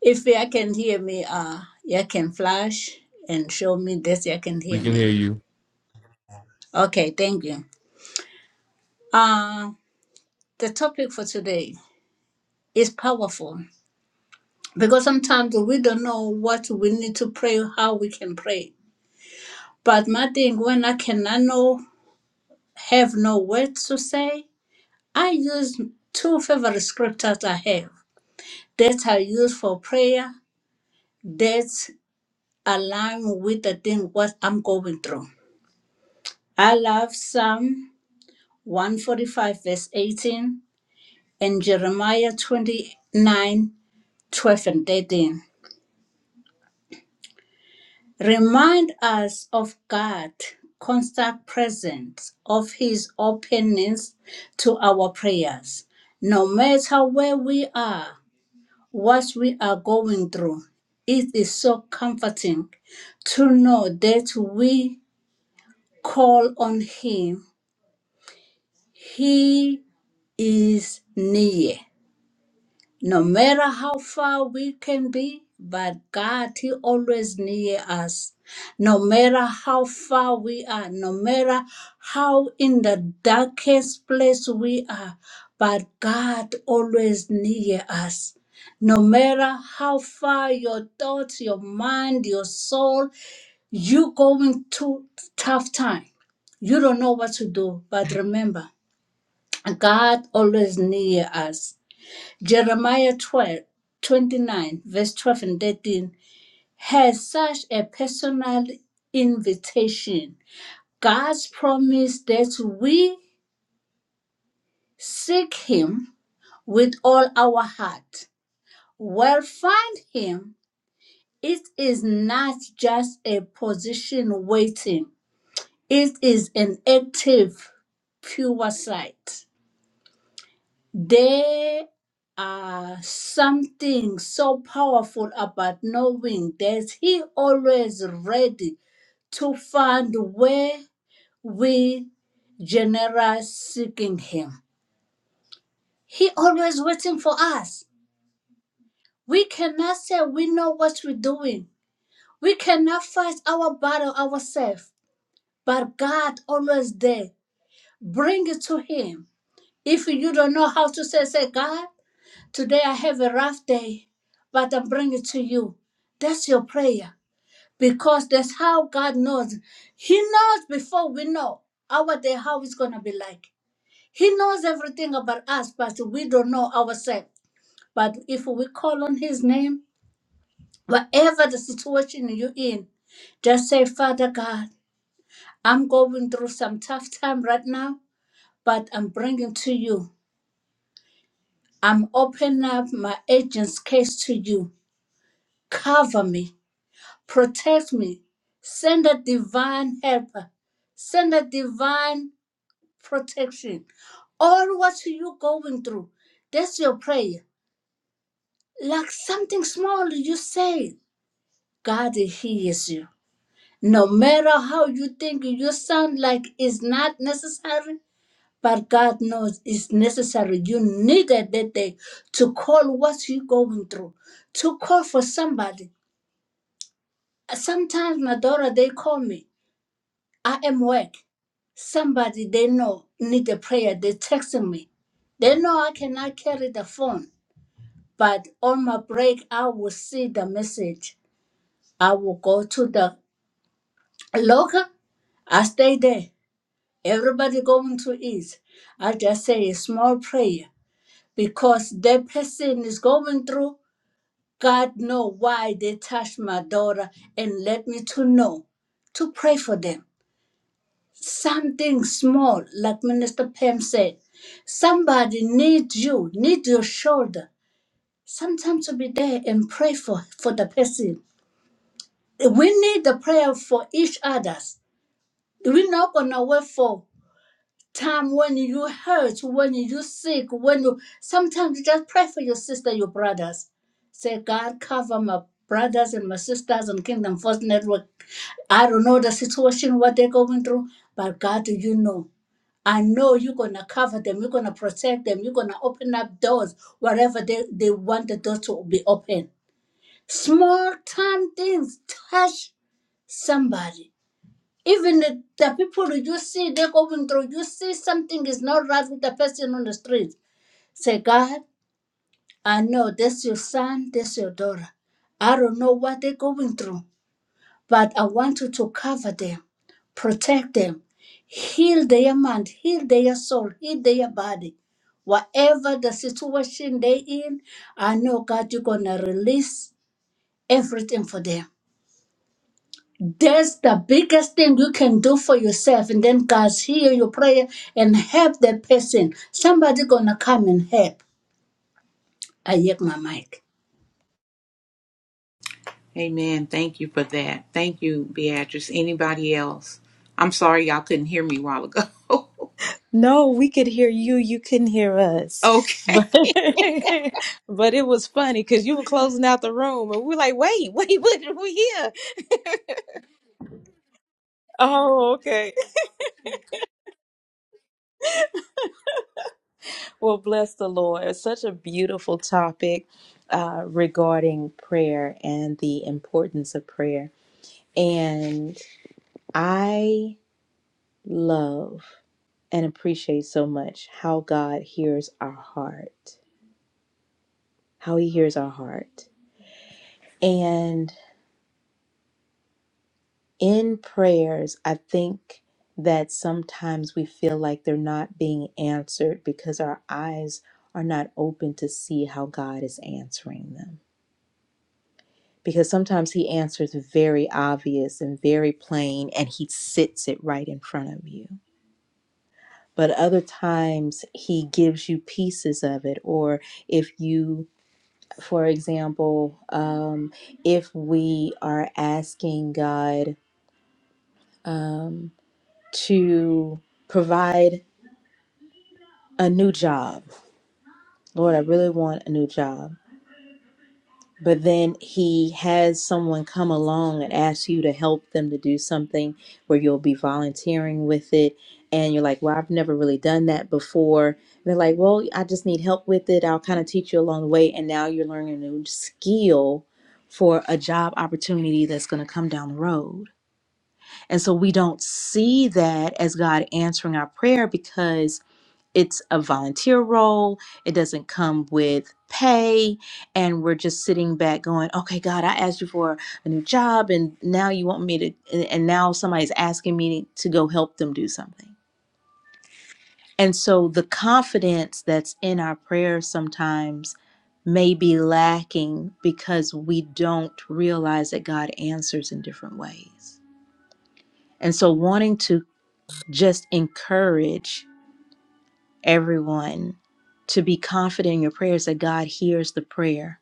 S2: If you can hear me, uh, you can flash and show me this. You can
S4: We
S2: hear
S4: can hear
S2: me.
S4: you. [LAUGHS]
S2: Okay, thank you. Uh, the topic for today is powerful because sometimes we don't know what we need to pray, how we can pray But my thing, when I cannot know, have no words to say, I use two favorite scriptures I have that I use for prayer that align with the thing what I'm going through. I love Psalm 145 verse 18 and Jeremiah 29 12 and 13. Remind us of God's constant presence, of His openness to our prayers. No matter where we are, what we are going through, it is so comforting to know that we call on Him. He is near. No matter how far we can be, but God, He always near us. No matter how far we are, no matter how in the darkest place we are, but God always near us. No matter how far your thoughts, your mind, your soul, you going through tough time. You don't know what to do, but remember, God always near us. Jeremiah twelve twenty nine 29, verse 12 and 13 has such a personal invitation. God's promise that we seek Him with all our heart will find Him. It is not just a position waiting, it is an active, pure sight. There are something so powerful about knowing that He always ready to find where we generous seeking Him. He always waiting for us. We cannot say we know what we're doing. We cannot fight our battle ourselves, but God always there. Bring it to Him. If you don't know how to say, say God. Today I have a rough day, but I bring it to you. That's your prayer because that's how God knows. He knows before we know our day how it's going to be like. He knows everything about us, but we don't know ourselves. But if we call on His name, whatever the situation you're in, just say, Father God, I'm going through some tough time right now, but I'm bringing to you. I'm opening up my agent's case to you. Cover me protect me. Send a divine helper. Send a divine protection. All what you going through, that's your prayer. Like something small, you say, God hears you. No matter how you think you sound like it's not necessary, but God knows it's necessary. You needed that day to call what you going through, to call for somebody. Sometimes my daughter, they call me I am work. Somebody they know need a prayer. They texting me. They know I cannot carry the phone, but on my break I will see the message. I will go to the local. I stay there. Everybody going to eat. I just say a small prayer because that person is going through. God know why they touched my daughter and let me to know to pray for them. something small, like Minister Pam said. Somebody needs you, needs your shoulder. Sometimes to be there and pray for, for the person. We need the prayer for each others. We're not gonna wait for time when you hurt, when you sick, when you sometimes you just pray for your sister, your brothers. Say, God cover my brothers and my sisters on Kingdom First Network. I don't know the situation what they're going through, but God you know. I know you're going to cover them, you're going to protect them, you're going to open up doors wherever they, they want the door to be open. Small time things touch somebody. Even the, the people you see, they're going through, you see something is not right with the person on the street. Say, God, I know that's your son, that's your daughter. I don't know what they're going through. But I want you to cover them, protect them, heal their mind, heal their soul, heal their body. Whatever the situation they in, I know God, you're gonna release everything for them. That's the biggest thing you can do for yourself, and then God hear your prayer and help that person. Somebody gonna come and help. I yield my mic.
S1: Amen. Thank you for that. Thank you, Beatrice. Anybody else? I'm sorry y'all couldn't hear me a while ago. [LAUGHS]
S3: No, we could hear you. You couldn't hear us.
S1: okay.
S3: But, [LAUGHS] but it was funny because you were closing out the room and we were like, wait, [LAUGHS] wait, what are we here? Oh, okay. Well, bless the Lord. It's such a beautiful topic uh, regarding prayer and the importance of prayer. And I love and appreciate so much how God hears our heart, how He hears our heart. And in prayers, I think that sometimes we feel like they're not being answered because our eyes are not open to see how God is answering them. Because sometimes He answers very obvious and very plain, and He sits it right in front of you. But other times, He gives you pieces of it, or if you For example, um, if we are asking God um, to provide a new job, Lord, I really want a new job but then he has someone come along and ask you to help them to do something where you'll be volunteering with it and you're like well i've never really done that before and they're like well i just need help with it i'll kind of teach you along the way and now you're learning a new skill for a job opportunity that's going to come down the road and so we don't see that as god answering our prayer because it's a volunteer role it doesn't come with pay and we're just sitting back going okay god i asked you for a new job and now you want me to and and now somebody's asking me to go help them do something and so the confidence that's in our prayers sometimes may be lacking because we don't realize that god answers in different ways and so wanting to just encourage everyone to be confident in your prayers that God hears the prayer.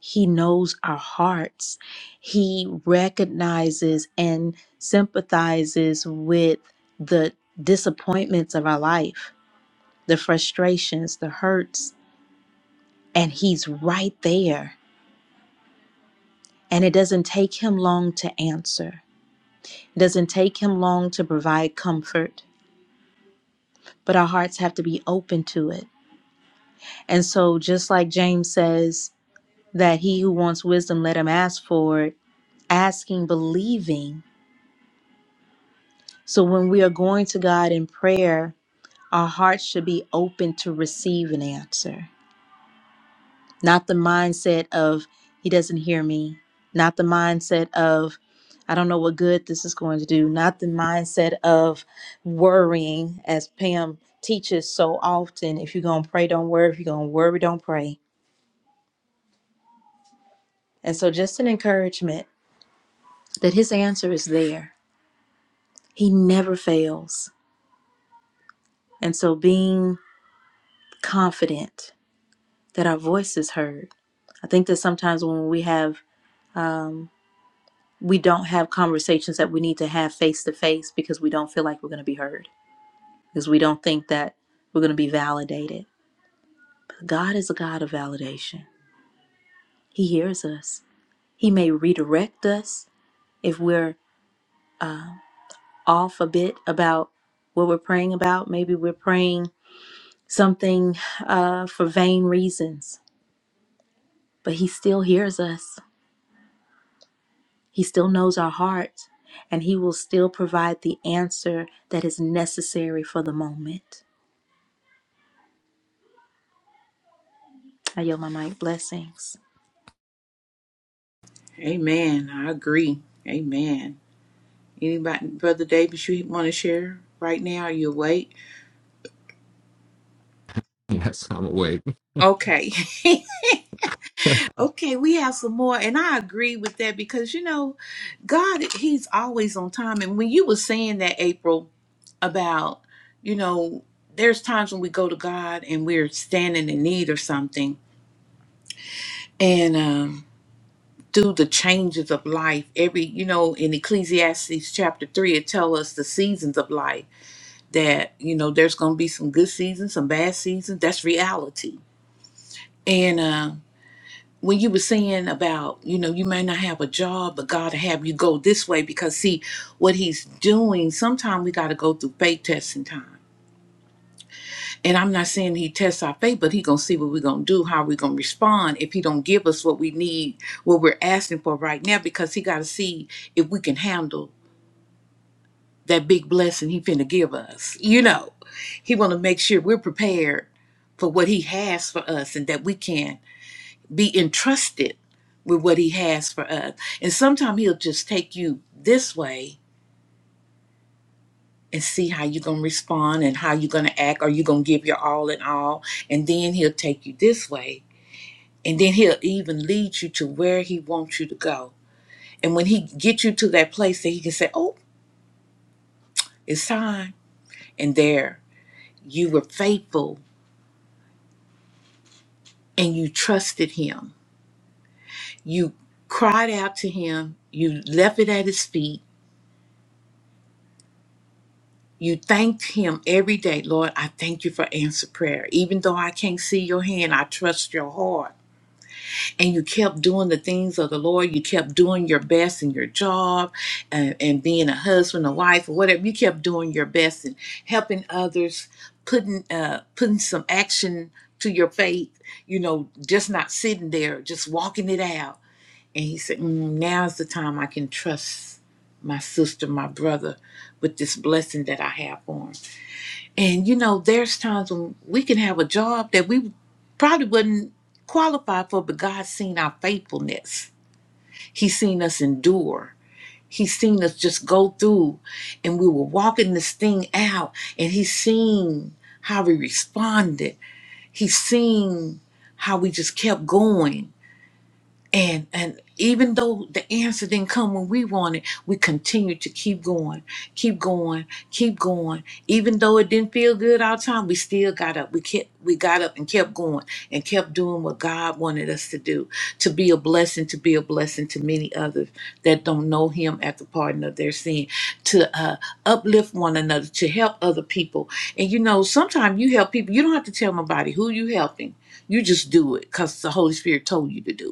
S3: He knows our hearts. He recognizes and sympathizes with the disappointments of our life, the frustrations, the hurts, and He's right there. And it doesn't take Him long to answer, it doesn't take Him long to provide comfort, but our hearts have to be open to it. And so, just like James says, that he who wants wisdom let him ask for it asking believing so when we are going to god in prayer our hearts should be open to receive an answer not the mindset of he doesn't hear me not the mindset of i don't know what good this is going to do not the mindset of worrying as pam teaches so often if you're going to pray don't worry if you're going to worry don't pray and so just an encouragement that his answer is there he never fails And so being confident that our voice is heard. I think that sometimes when we have um, we don't have conversations that we need to have face to face because we don't feel like we're going to be heard because we don't think that we're going to be validated but god is a god of validation he hears us he may redirect us if we're uh, off a bit about what we're praying about maybe we're praying something uh, for vain reasons but he still hears us He still knows our hearts, and He will still provide the answer that is necessary for the moment. I yield my mic. Blessings.
S1: Amen. I agree. Amen. Anybody, Brother Davis, you want to share right now? Are you awake?
S4: Yes, I'm awake.
S1: Okay. [LAUGHS]
S4: [LAUGHS] Can
S1: Okay, we have some more, and I agree with that because you know, God, He's always on time. And when you were saying that, April, about you know, there's times when we go to God and we're standing in need or something, and um, through the changes of life, every you know, in Ecclesiastes chapter three, it tells us the seasons of life that you know there's going to be some good seasons, some bad seasons. That's reality, and. um. when you were saying about, you know, you may not have a job, but God will have you go this way because see what he's doing, sometimes we gotta go through faith testing time. And I'm not saying he tests our faith, but he gonna see what we're gonna do, how we're gonna respond if he don't give us what we need, what we're asking for right now, because he gotta see if we can handle that big blessing he finna give us. You know, he wanna make sure we're prepared for what he has for us and that we can be entrusted with what he has for us. And sometimes he'll just take you this way and see how you're going to respond and how you're going to act. Are you going to give your all in all? And then he'll take you this way. And then he'll even lead you to where he wants you to go. And when he gets you to that place that he can say, oh, it's time. And there you were faithful and you trusted him. You cried out to him. You left it at his feet You thanked him every day. Lord, I thank you for answer prayer. Even though I can't see your hand, I trust your heart. And you kept doing the things of the Lord. You kept doing your best in your job and, and being a husband, a wife, or whatever. You kept doing your best and helping others, putting uh putting some action to your faith, you know, just not sitting there, just walking it out. And he said, mm, now's the time I can trust my sister, my brother, with this blessing that I have on. And you know, there's times when we can have a job that we probably wouldn't qualify for, but God's seen our faithfulness. He's seen us endure. He's seen us just go through and we were walking this thing out and he's seen how we responded. He's seen how we just kept going and and even though the answer didn't come when we wanted, we continued to keep going, keep going, keep going. Even though it didn't feel good all the time, we still got up. We kept we got up and kept going and kept doing what God wanted us to do, to be a blessing, to be a blessing to many others that don't know him at the pardon of their sin, to uh, uplift one another, to help other people. And you know, sometimes you help people, you don't have to tell nobody who you helping. You just do it because the Holy Spirit told you to do it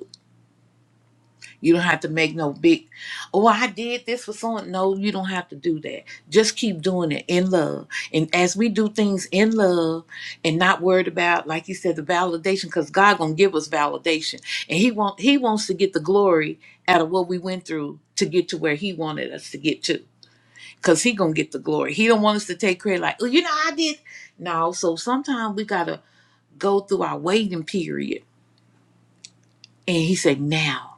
S1: you don't have to make no big, oh, I did this for someone. No, you don't have to do that. Just keep doing it in love. And as we do things in love and not worried about, like you said, the validation, because God gonna give us validation. And He want He wants to get the glory out of what we went through to get to where He wanted us to get to. Cause He gonna get the glory. He don't want us to take credit like, oh, you know, I did. No, so sometimes we gotta go through our waiting period. And He said, now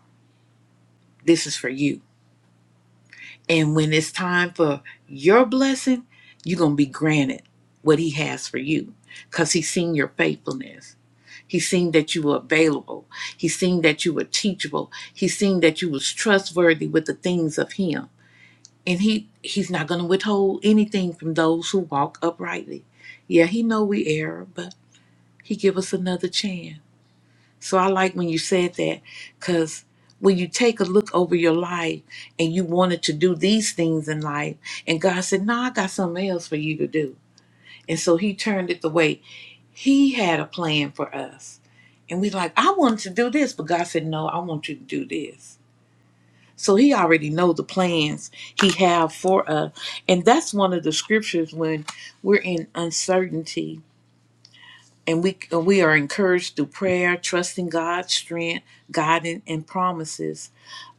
S1: this is for you And when it's time for your blessing, you're going to be granted what he has for you because he's seen your faithfulness. He's seen that you were available. He's seen that you were teachable. He's seen that you was trustworthy with the things of him. And he he's not going to withhold anything from those who walk uprightly. Yeah, he know we err, but he give us another chance. So I like when you said that because when you take a look over your life and you wanted to do these things in life, and God said, No, I got something else for you to do. And so He turned it the way He had a plan for us. And we like, I wanted to do this, but God said, No, I want you to do this. So he already know the plans he have for us. And that's one of the scriptures when we're in uncertainty and we we are encouraged through prayer, trusting God's strength, guidance, and promises.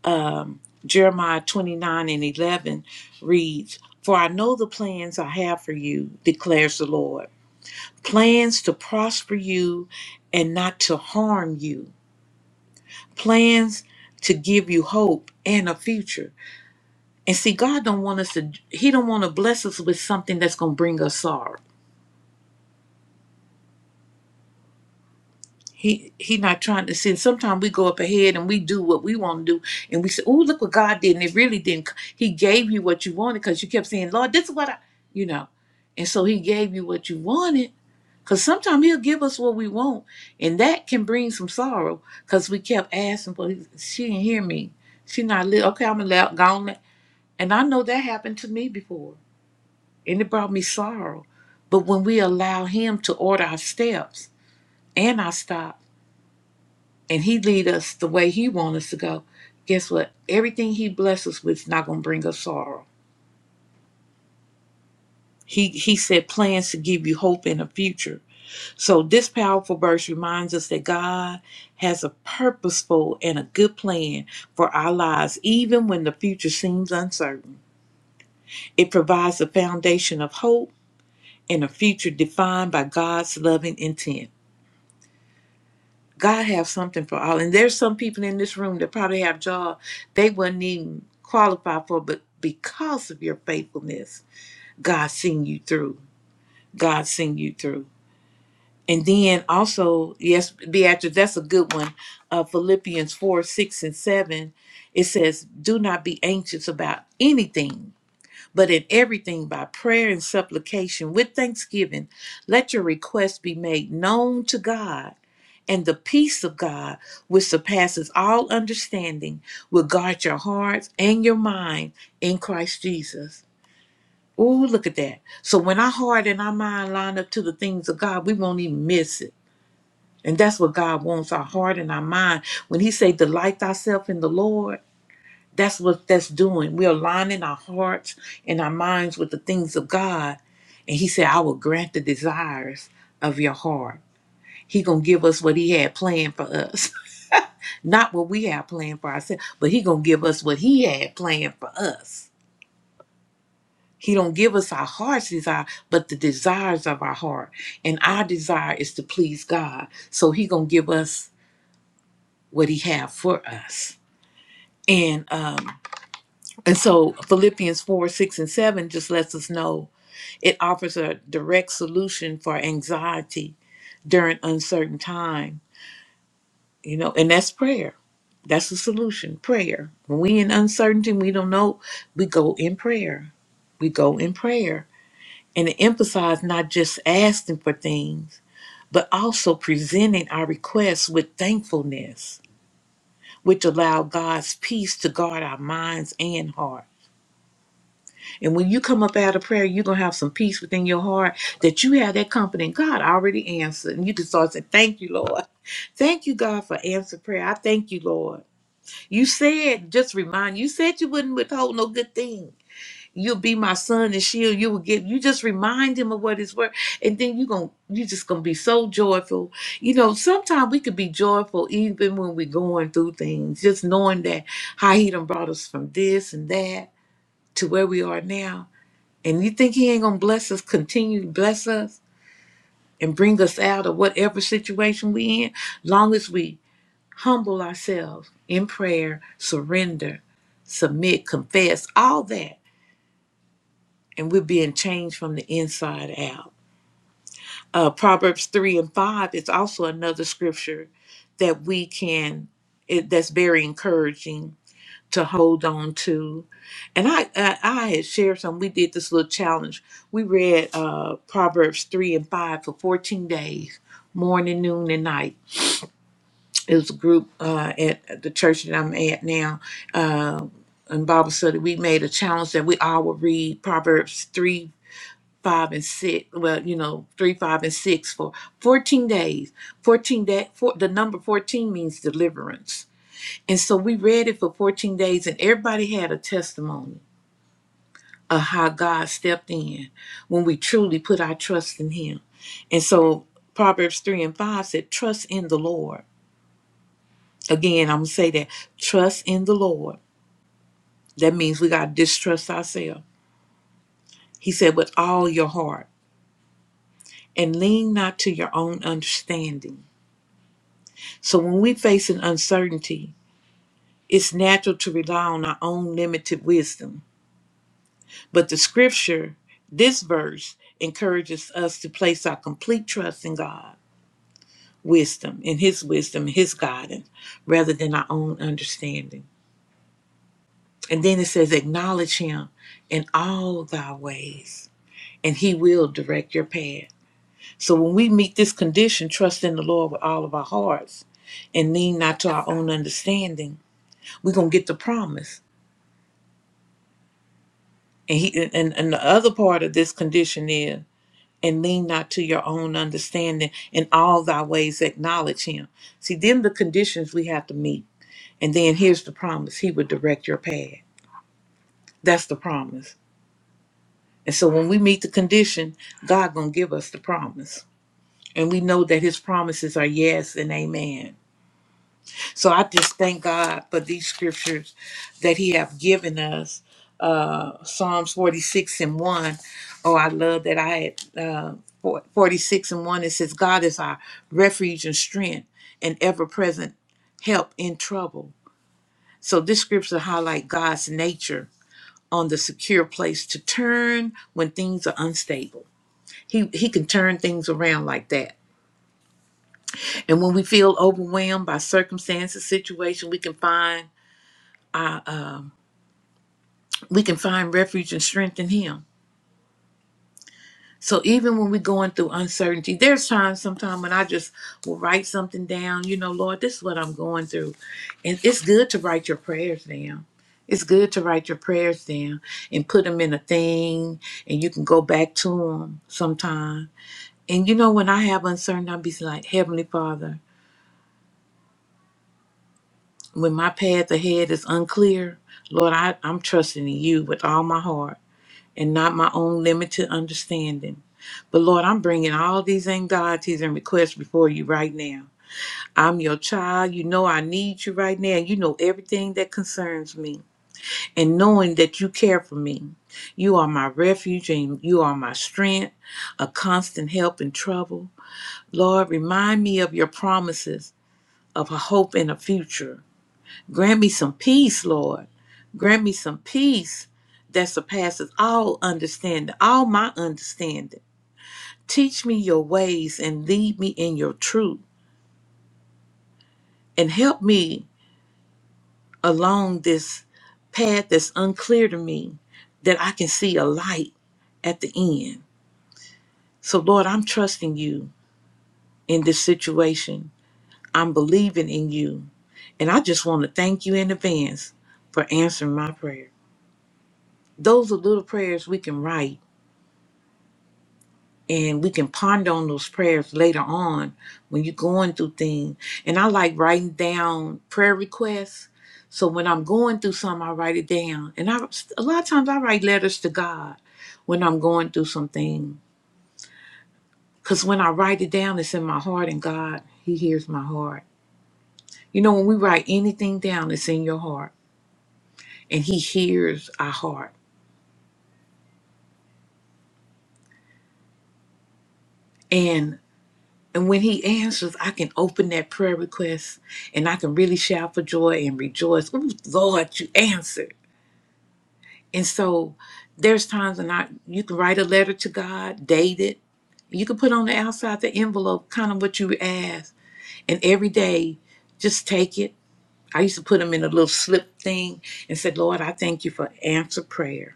S1: Um, Jeremiah 29 and 11 reads, For I know the plans I have for you, declares the Lord. Plans to prosper you and not to harm you. Plans to give you hope and a future. And see, God don't want us to, He don't want to bless us with something that's going to bring us sorrow. He he not trying to sin. Sometimes we go up ahead and we do what we want to do, and we say, "Oh, look what God did!" And it really didn't. c- He gave you what you wanted because you kept saying, "Lord, this is what I," you know, and so He gave you what you wanted. Because sometimes He'll give us what we want, and that can bring some sorrow because we kept asking for. His, she didn't hear me. She not li- okay. I'm allowed gone, and I know that happened to me before, and it brought me sorrow. But when we allow Him to order our steps and our stop and he lead us the way he want us to go guess what everything he blesses us with is not going to bring us sorrow he he said plans to give you hope in the future so this powerful verse reminds us that god has a purposeful and a good plan for our lives even when the future seems uncertain it provides a foundation of hope and a future defined by god's loving intent God have something for all. And there's some people in this room that probably have jobs they wouldn't even qualify for, but because of your faithfulness, God seen you through. God seen you through. And then also, yes, Beatrice, that's a good one. Uh, Philippians 4, 6, and 7. It says, Do not be anxious about anything, but in everything by prayer and supplication with thanksgiving, let your requests be made known to God and the peace of God, which surpasses all understanding, will guard your hearts and your mind in Christ Jesus. Ooh, look at that. So when our heart and our mind line up to the things of God, we won't even miss it. And that's what God wants, our heart and our mind. When he say delight thyself in the Lord, that's what that's doing. We're aligning our hearts and our minds with the things of God. And he said, I will grant the desires of your heart. He gonna give us what he had planned for us. Not what we have planned for ourselves, but he gonna give us what he had planned for us. He don't give us our heart's desire, but the desires of our heart. And our desire is to please God. So he gonna give us what he have for us. And um and so Philippians 4, 6, and 7 just lets us know it offers a direct solution for anxiety during uncertain times You know, and that's prayer. That's the solution, prayer. When we in uncertainty, we don't know, we go in prayer. We go in prayer. And it emphasizes not just asking for things, but also presenting our requests with thankfulness, which allow God's peace to guard our minds and heart. And when you come up out of prayer, you're gonna have some peace within your heart that you have that confidence. God already answered. And you can start saying, Thank you, Lord. Thank you, God, for answered prayer. I thank you, Lord. You said, just remind you said you wouldn't withhold no good thing. You'll be my son and shield. You will give. You just remind him of what his word, and then you going you just gonna be so joyful. You know, sometimes we could be joyful even when we're going through things, just knowing that how he done brought us from this and that to where we are now. And you think he ain't gonna bless us, continue to bless us and bring us out of whatever situation we in, long as we humble ourselves in prayer, surrender, submit, confess, all that, and we're being changed from the inside out. Uh, Proverbs 3 and 5 is also another scripture that we can, it, that's very encouraging to hold on to. And I, I, I had shared some, we did this little challenge. We read uh, Proverbs 3 and 5 for 14 days, morning, noon, and night it was a group uh, at at the church that I'm at now uh, in Bible study. We made a challenge that we all would read Proverbs 3, 5, and 6. Well, you know, 3, 5, and 6 for 14 days. 14 day, four, The number 14 means deliverance. And so we read it for 14 days, and everybody had a testimony of how God stepped in when we truly put our trust in Him. And so Proverbs 3 and 5 said, Trust in the Lord Again, I'm going to say that trust in the Lord. That means we got to distrust ourselves. He said, with all your heart and lean not to your own understanding. So when we face an uncertainty, it's natural to rely on our own limited wisdom. But the scripture, this verse, encourages us to place our complete trust in God, wisdom, in His wisdom, His guidance, rather than our own understanding. And then it says, acknowledge Him in all thy ways and He will direct your path. So when we meet this condition, trust in the Lord with all of our hearts and lean not to our own understanding, we're gonna get the promise. And he and, and the other part of this condition is and lean not to your own understanding in all thy ways acknowledge him. See, them the conditions we have to meet. And then here's the promise. He would direct your path. That's the promise. And so when we meet the condition, God gonna give us the promise. And we know that his promises are yes and amen. So I just thank God for these scriptures that He have given us. Uh, Psalms 46 and 1. Oh, I love that I had uh, for- 46 and 1. It says, God is our refuge and strength and ever present help in trouble. So this scripture highlight God's nature on the secure place to turn when things are unstable. He, he can turn things around like that. And when we feel overwhelmed by circumstances, situation, we can find we can find refuge and strength in him. So even when we're going through uncertainty, there's times sometimes when I just will write something down, you know, Lord, this is what I'm going through. And it's good to write your prayers down. It's good to write your prayers down and put them in a thing and you can go back to them sometime. And you know, when I have uncertainty, I'll be like, Heavenly Father, when my path ahead is unclear, Lord, I, I'm trusting in you with all my heart and not my own limited understanding. But Lord, I'm bringing all these anxieties and requests before you right now. I'm your child. You know I need you right now. You know everything that concerns me. And knowing that you care for me, you are my refuge and you are my strength, a constant help in trouble. Lord, remind me of your promises of a hope and a future. Grant me some peace, Lord. Grant me some peace that surpasses all understanding, all my understanding. Teach me your ways and lead me in your truth and help me along this path that's unclear to me that I can see a light at the end. So, Lord, I'm trusting you in this situation. I'm believing in you. And I just want to thank you in advance for answering my prayer. Those are little prayers we can write and we can ponder on those prayers later on when you're going through things. And I like writing down prayer requests. So when I'm going through something, I write it down. And I a lot of times I write letters to God when I'm going through something. Because when I write it down, it's in my heart, and God, He hears my heart. You know, when we write anything down, it's in your heart, and He hears our heart. And And when he answers, I can open that prayer request and I can really shout for joy and rejoice. Ooh, Lord, you answered. And so there's times when I you can write a letter to God, date it. You can put on the outside the envelope kind of what you ask. And every day, just take it. I used to put them in a little slip thing and said, Lord, I thank you for answer prayer.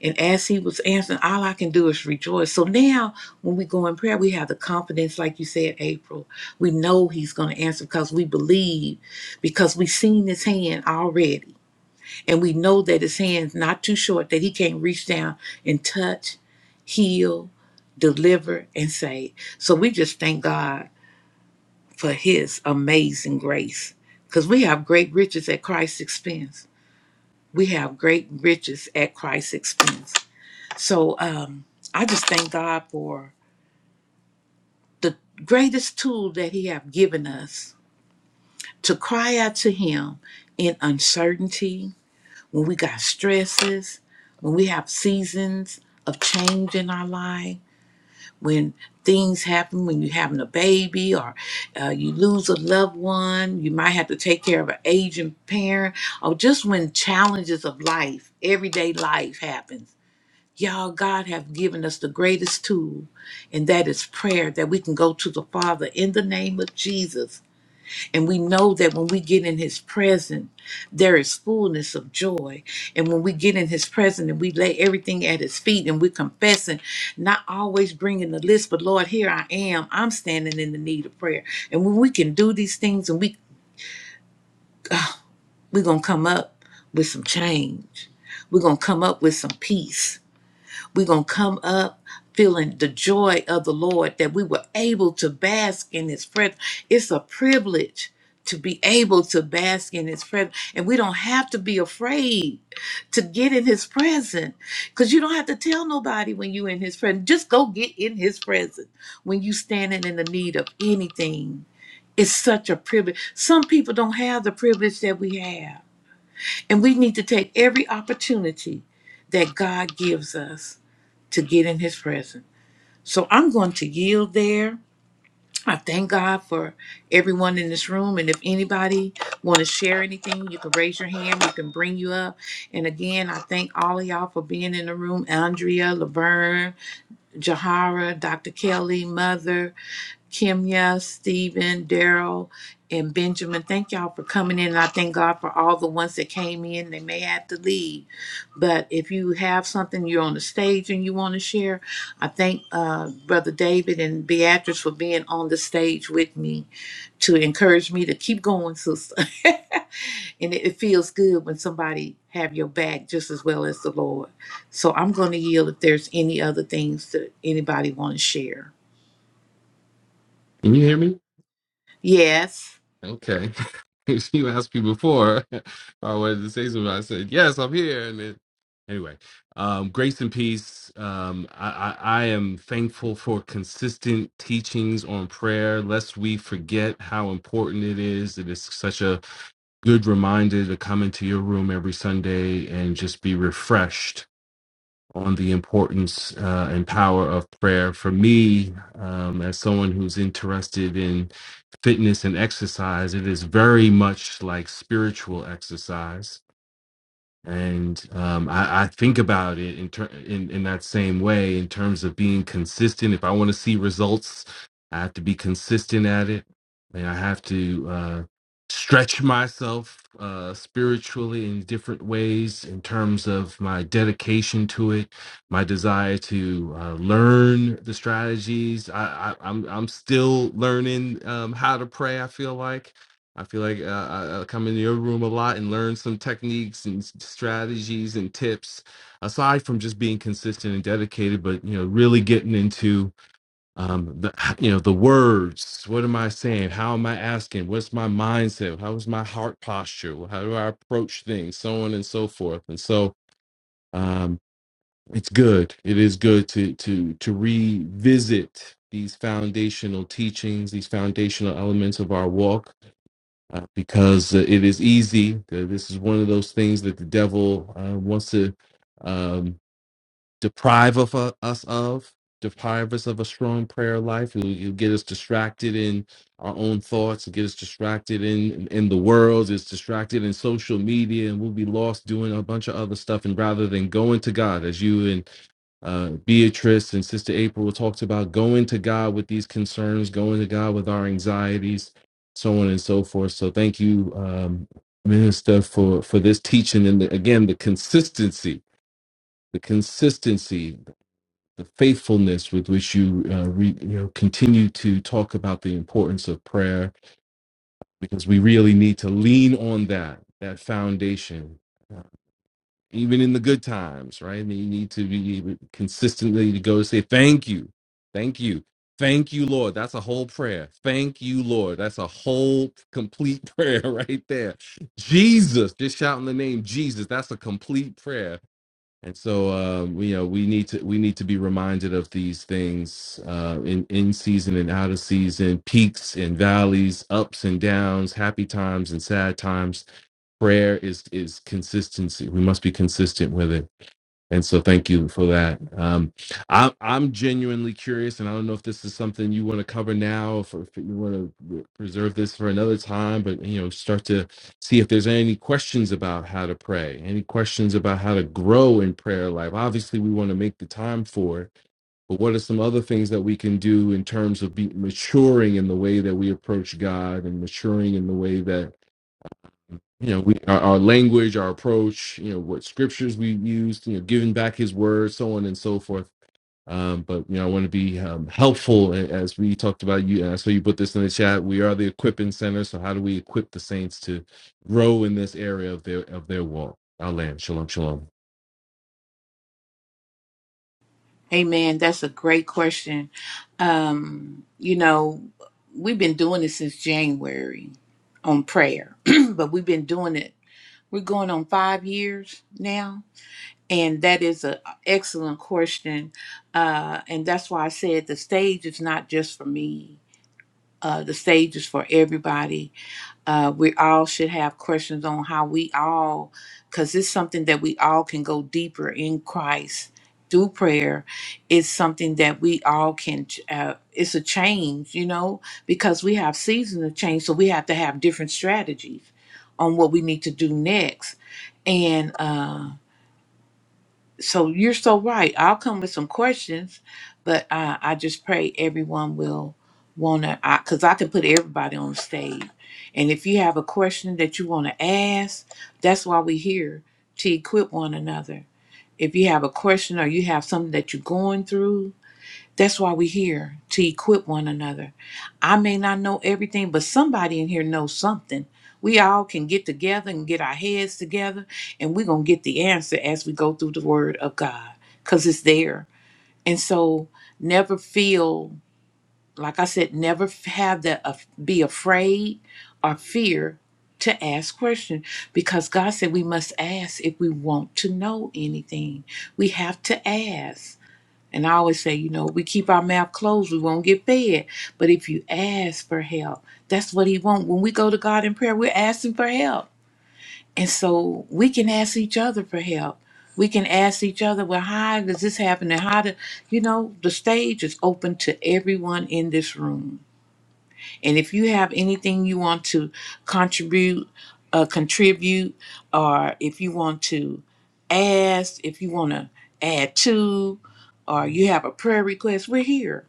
S1: And as he was answering, all I can do is rejoice. So now, when we go in prayer, we have the confidence, like you said, April. We know he's going to answer because we believe, because we've seen his hand already. And we know that his hand's not too short, that he can not reach down and touch, heal, deliver, and save. So we just thank God for his amazing grace because we have great riches at Christ's expense. We have great riches at Christ's expense. So um, I just thank God for the greatest tool that He have given us to cry out to Him in uncertainty, when we got stresses, when we have seasons of change in our life, when things happen, when you're having a baby or uh, you lose a loved one, you might have to take care of an aging parent, or just when challenges of life, everyday life happens Y'all, God have given us the greatest tool, and that is prayer, that we can go to the Father in the name of Jesus. And we know that when we get in his presence, there is fullness of joy. And when we get in his presence and we lay everything at his feet and we're confessing, not always bringing the list, but Lord, here I am. I'm standing in the need of prayer. And when we can do these things and we, we're going to come up with some change. We're going to come up with some peace We're going to come up feeling the joy of the Lord that we were able to bask in His presence. It's a privilege to be able to bask in His presence. And we don't have to be afraid to get in His presence because you don't have to tell nobody when you're in His presence. Just go get in His presence when you standing in the need of anything. It's such a privilege. Some people don't have the privilege that we have. And we need to take every opportunity that God gives us to get in his presence. So I'm going to yield there. I thank God for everyone in this room. And if anybody want to share anything, you can raise your hand. We can bring you up. And again, I thank all of y'all for being in the room. Andrea, Laverne, Jahara, Dr. Kelly, Mother, Kimya, Stephen, Daryl, and Benjamin. Thank y'all for coming in. I thank God for all the ones that came in. They may have to leave, but if you have something you're on the stage and you want to share, I thank uh, Brother David and Beatrice for being on the stage with me to encourage me to keep going, sister. [LAUGHS] and it, it feels good when somebody have your back just as well as the Lord. So I'm going to yield if there's any other things that anybody want to share.
S4: you hear me?
S1: Yes.
S4: Okay. [LAUGHS] If you asked me before [LAUGHS] if I wanted to say something. I said, yes, I'm here. And then, anyway, um, grace and peace. Um, I, I, I am thankful for consistent teachings on prayer, lest we forget how important it is. It is such a good reminder to come into your room every Sunday and just be refreshed on the importance uh, and power of prayer. For me, um, as someone who's interested in fitness and exercise, it is very much like spiritual exercise and um, I, I think about it in, ter- in in that same way in terms of being consistent. If I want to see results, I have to be consistent at it, and I have to uh, stretch myself uh, spiritually in different ways in terms of my dedication to it, my desire to uh, learn the strategies. I, I, I'm I'm still learning um, how to pray. I feel like I feel like uh, I, come into your room a lot and learn some techniques and s- strategies and tips, aside from just being consistent and dedicated, but you know, really getting into um, the you know the words. What am I saying? How am I asking? What's my mindset? How is my heart posture? How do I approach things? So on and so forth. And so um, it's good. It is good to to to revisit these foundational teachings, these foundational elements of our walk uh, because uh, it is easy. Uh, This is one of those things that the devil uh, wants to um, deprive of uh, us of, deprive us of a strong prayer life. He'll, he'll get us distracted in our own thoughts, he'll get us distracted in in the world, is distracted in social media, and we'll be lost doing a bunch of other stuff. And rather than going to God, as you and uh, Beatrice and Sister April talked about going to God with these concerns, going to God with our anxieties, so on and so forth. So thank you, um, Minister, for for this teaching and the, again the consistency, the consistency, the faithfulness with which you uh, re, you know continue to talk about the importance of prayer because we really need to lean on that that foundation. uh, even in the good times, right? And you need to be consistently to go say thank you, thank you, thank you, Lord. That's a whole prayer. Thank you, Lord. That's a whole complete [LAUGHS] prayer right there. Jesus, just shouting the name Jesus. That's a complete prayer. And so, um, you know, we need to we need to be reminded of these things uh, in in season and out of season, peaks and valleys, ups and downs, happy times and sad times prayer is is consistency. We must be consistent with it. And so, thank you for that. Um, I'm I'm genuinely curious, and I don't know if this is something you want to cover now, if, if you want to preserve this for another time. But you know, start to see if there's any questions about how to pray, any questions about how to grow in prayer life. Obviously, we want to make the time for it, but what are some other things that we can do in terms of be, maturing in the way that we approach God and maturing in the way that you know, we our, our language, our approach, you know, what scriptures we used, you know, giving back His word, so on and so forth. Um, but you know, I want to be um, helpful a- as we talked about you. And so you put this in the chat. We are the equipping center. So how do we equip the saints to grow in this area of their of their walk? Our land, shalom, shalom.
S1: Amen. That's a great question. Um, you know, we've been doing this since January on prayer, [CLEARS THROAT] but we've been doing it. We're going on five years now. And that is an excellent question. Uh, and that's why I said the stage is not just for me, uh, the stage is for everybody uh, we all should have questions on how we all, because it's something that we all can go deeper in Christ through prayer. It's something that we all can, ch- uh, it's a change, you know, because we have seasons of change. So we have to have different strategies on what we need to do next. And, uh, so you're so right. I'll come with some questions, but uh, I just pray everyone will want to, because I, 'cause I can put everybody on the stage. And if you have a question that you want to ask, that's why we're here to equip one another. If you have a question or you have something that you're going through, that's why we're here to equip one another. I may not know everything, but somebody in here knows something. We all can get together and get our heads together, and we're going to get the answer as we go through the Word of God because it's there. And so never feel, like I said, never f- have that uh, be afraid or fear to ask questions because God said we must ask if we want to know anything. We have to ask. And I always say, you know, we keep our mouth closed, we won't get fed. But if you ask for help, that's what He wants. When we go to God in prayer, we're asking for help. And so we can ask each other for help. We can ask each other, well, how does this happen? And how to, you know, the stage is open to everyone in this room and if you have anything you want to contribute, uh, contribute, or if you want to ask, if you want to add to, or you have a prayer request, we're here.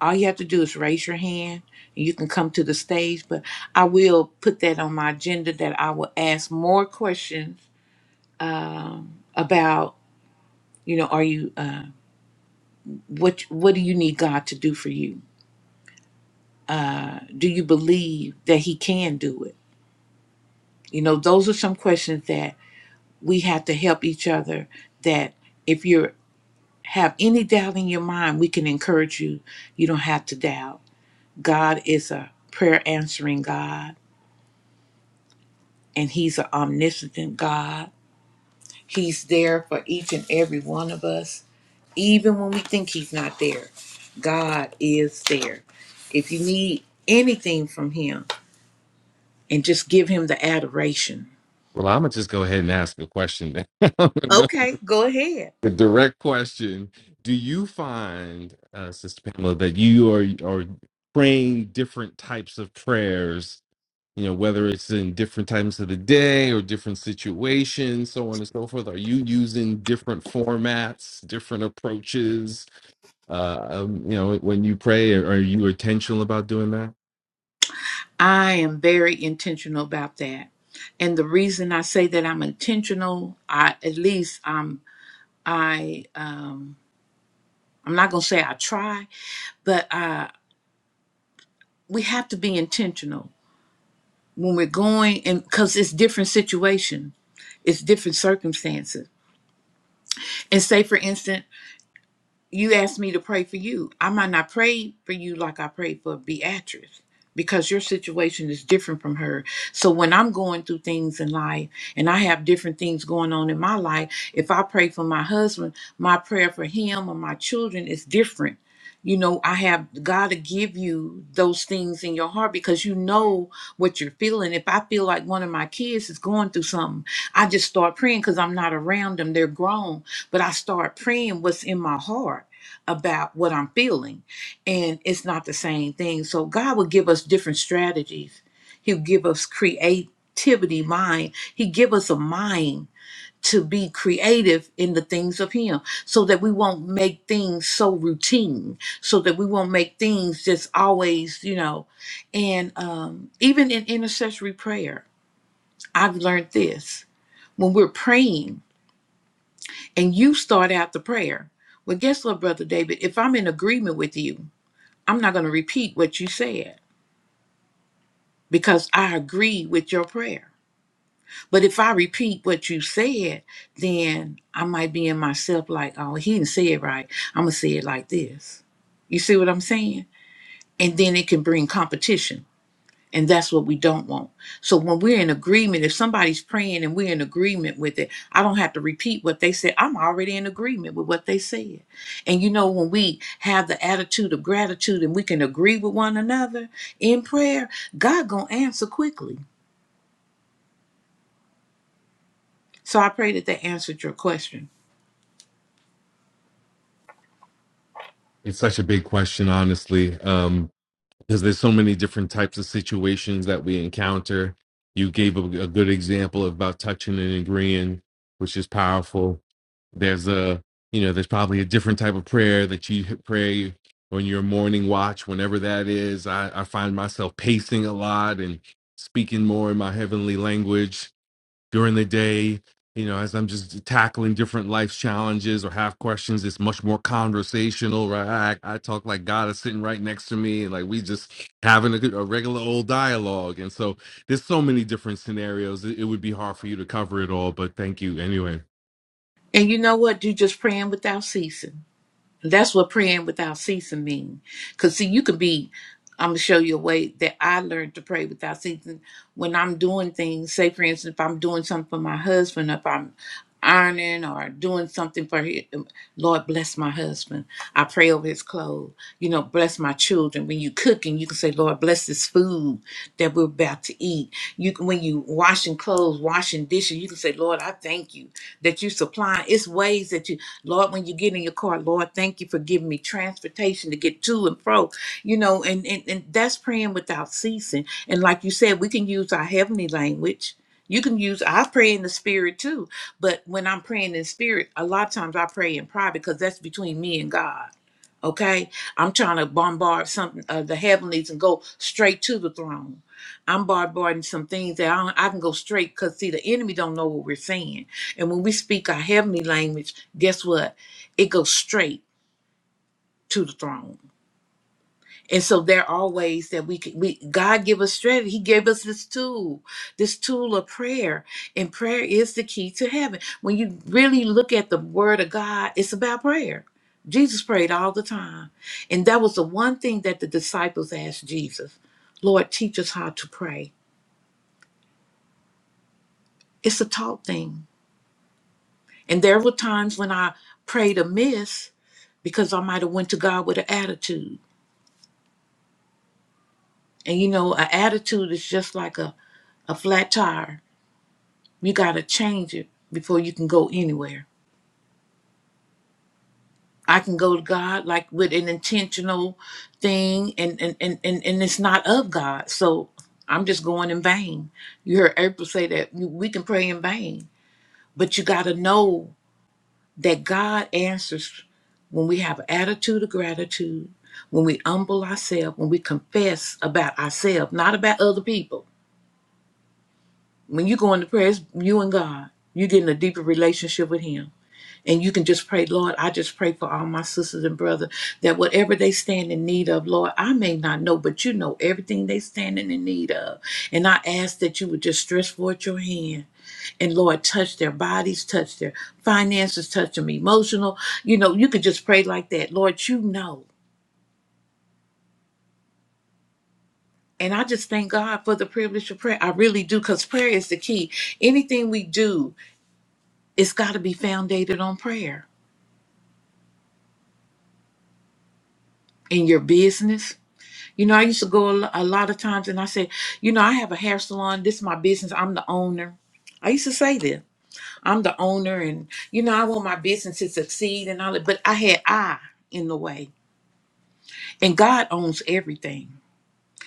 S1: All you have to do is raise your hand and you can come to the stage. But I will put that on my agenda that I will ask more questions um, about, you know, are you, uh, what, what do you need God to do for you? Do you believe that He can do it? You know, those are some questions that. we have to help each other that if you have any doubt in your mind we can encourage you you don't have to doubt god is a prayer answering god and he's an omniscient god he's there for each and every one of us even when we think he's not there god is there if you need anything from him and just give him the adoration
S4: Well, I'm gonna just go ahead and ask a question. Then. [LAUGHS] I'm gonna go
S1: okay go ahead
S4: a direct question. Do you find, uh, Sister Pamela, that you are are praying different types of prayers you know whether it's in different times of the day or different situations so on and so forth are you using different formats different approaches uh um, you know when you pray are are you intentional about doing that
S1: I am very intentional about that. And the reason I say that I'm intentional, I at least I'm I um I'm not gonna say I try, but uh we have to be intentional when we're going and because it's different situation, it's different circumstances. And say for instance, you asked me to pray for you. I might not pray for you like I prayed for Beatrice because your situation is different from her. So when I'm going through things in life and I have different things going on in my life, if I pray for my husband, my prayer for him or my children is different you know i have god to give you those things in your heart because you know what you're feeling if i feel like one of my kids is going through something i just start praying because i'm not around them they're grown but i start praying what's in my heart about what i'm feeling and it's not the same thing so god will give us different strategies he'll give us creativity mind he give us a mind to be creative in the things of him so that we won't make things so routine so that we won't make things just always you know and um even in intercessory prayer i've learned this when we're praying and you start out the prayer well guess what brother david if i'm in agreement with you i'm not going to repeat what you said because i agree with your prayer But if I repeat what you said, then I might be in myself like, oh, he didn't say it right. I'm going to say it like this. You see what I'm saying? And then it can bring competition. And that's what we don't want. So when we're in agreement, if somebody's praying and we're in agreement with it, I don't have to repeat what they said. I'm already in agreement with what they said. And you know, when we have the attitude of gratitude and we can agree with one another in prayer, God gonna answer quickly. So I pray that they answered your question.
S4: it's such a big question honestly Um, because there's so many different types of situations that we encounter. You gave a, a good example about touching and agreeing, which is powerful. There's a, you know, there's probably a different type of prayer that you pray on your morning watch, whenever that is. I, I find myself pacing a lot and speaking more in my heavenly language during the day you know as i'm just tackling different life challenges or have questions it's much more conversational right i, I talk like god is sitting right next to me and like we just having a, good- a regular old dialogue and so there's so many different scenarios it, it would be hard for you to cover it all but thank you anyway
S1: And you know what? Do just praying without ceasing. That's what praying without ceasing means. Because, see, you could be, I'm going to show you a way that I learned to pray without ceasing. When I'm doing things, say, for instance, if I'm doing something for my husband, if I'm ironing or doing something for him, Lord, bless my husband. I pray over his clothes. You know, bless my children. When you cooking, you can say, Lord, bless this food that we're about to eat. You can, When you washing clothes, washing dishes, you can say, Lord, I thank you that you supply. It's ways that you Lord, when you get in your car, Lord, thank you for giving me transportation to get to and fro, you know, and, and, and that's praying without ceasing. And like you said, we can use our heavenly language. You can use, I pray in the spirit too, but when I'm praying in spirit, a lot of times I pray in private because that's between me and God Okay, I'm trying to bombard something uh, the heavenlies and go straight to the throne. I'm bombarding some things that I, don't, I can go straight because see the enemy don't know what we're saying, and when we speak our heavenly language, guess what? It goes straight to the throne. And so there are ways that we can, we God give us strategy. He gave us this tool, this tool of prayer, and prayer is the key to heaven. When you really look at the Word of God, it's about prayer. Jesus prayed all the time, and that was the one thing that the disciples asked Jesus, "Lord, teach us how to pray." It's a taught thing, and there were times when I prayed amiss because I might have went to God with an attitude, and you know, an attitude is just like a a flat tire You got to change it before you can go anywhere. I can go to God like with an intentional thing and and and and, and it's not of God. So I'm just going in vain. You heard April say that we we can pray in vain, but you got to know that God answers when we have an attitude of gratitude, when we humble ourselves, when we confess about ourselves, not about other people. When you go into prayer, it's you and God, you're getting a deeper relationship with Him And you can just pray, Lord, I just pray for all my sisters and brothers that whatever they stand in need of, Lord, I may not know, but you know everything they standing in need of. And I ask that you would just stretch forth your hand and Lord, touch their bodies, touch their finances, touch them emotional. You know, you could just pray like that. Lord, you know. And I just thank God for the privilege of prayer. I really do, because prayer is the key. Anything we do, it's got to be founded on prayer in your business You know, I used to go a lo- a lot of times and I said, you know, I have a hair salon. This is my business. I'm the owner. I used to say this. I'm the owner and, you know, I want my business to succeed and all that. But I had I in the way. And God owns everything.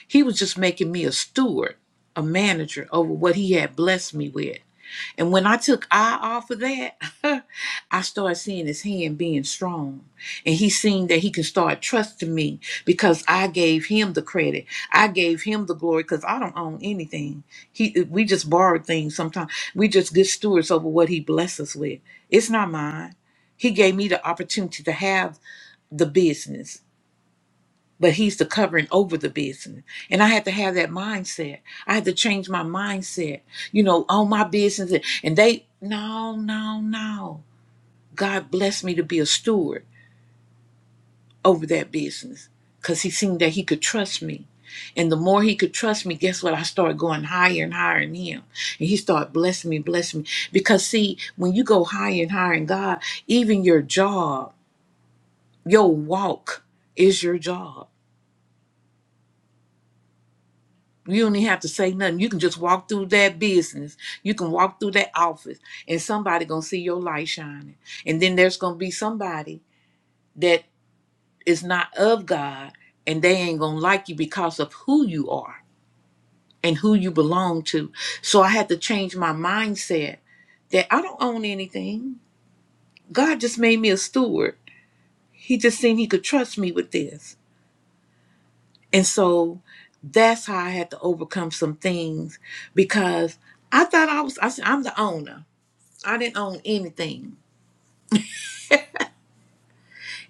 S1: He was just making me a steward, a manager over what he had blessed me with. And when I took eye off of that, [LAUGHS] I started seeing his hand being strong. And he seen that he can start trusting me because I gave him the credit. I gave him the glory because I don't own anything. He we just borrow things sometimes. We just good stewards over what he blessed us with. It's not mine. He gave me the opportunity to have the business but he's the covering over the business. And I had to have that mindset. I had to change my mindset, you know, on my business. And they, no, no, no. God blessed me to be a steward over that business because he seen that he could trust me. And the more he could trust me, guess what? I started going higher and higher in him. And he started blessing me, blessing me. Because see, when you go higher and higher in God, even your job, your walk is your job You don't even have to say nothing. You can just walk through that business. You can walk through that office, and somebody gonna see your light shining. And then there's gonna be somebody that is not of God, and they ain't gonna like you because of who you are and who you belong to. So I had to change my mindset that I don't own anything. God just made me a steward. He just seen he could trust me with this. And so that's how I had to overcome some things because I thought I was, I said, I'm the owner. I didn't own anything.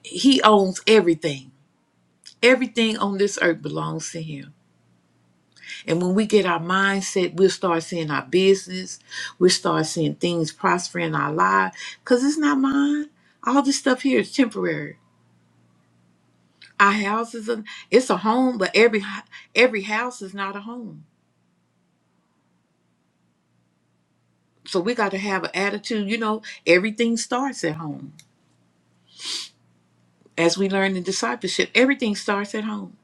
S1: He owns everything. Everything on this earth belongs to him. And when we get our mindset, we'll start seeing our business. We'll start seeing things prosper in our life because it's not mine. All this stuff here is temporary. Our house is a, it's a home, but every h- every house is not a home. So we got to have an attitude. You know, everything starts at home as we learn in discipleship, everything starts at home.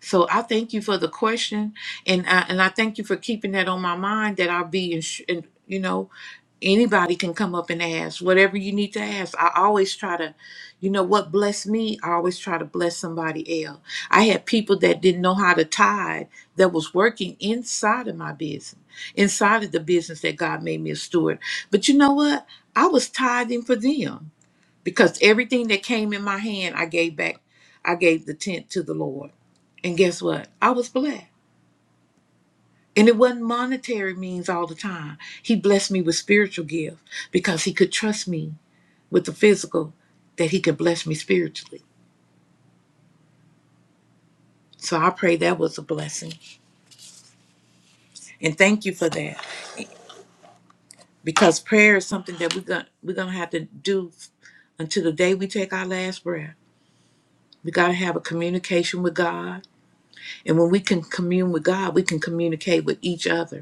S1: So I thank you for the question, and I, and I thank you for keeping that on my mind. That I'll be, ins- and you know, anybody can come up and ask whatever you need to ask. I always try to, you know, what blessed me, I always try to bless somebody else. I had people that didn't know how to tithe that was working inside of my business, inside of the business that God made me a steward. But you know what? I was tithing for them because everything that came in my hand I gave back. I gave the tenth to the Lord. And guess what? I was blessed. And it wasn't monetary means all the time. He blessed me with spiritual gifts because he could trust me with the physical that he could bless me spiritually. So I pray that was a blessing. And thank you for that. Because prayer is something that we're gonna we're gonna have to do until the day we take our last breath. We got to have a communication with God. And when we can commune with God, we can communicate with each other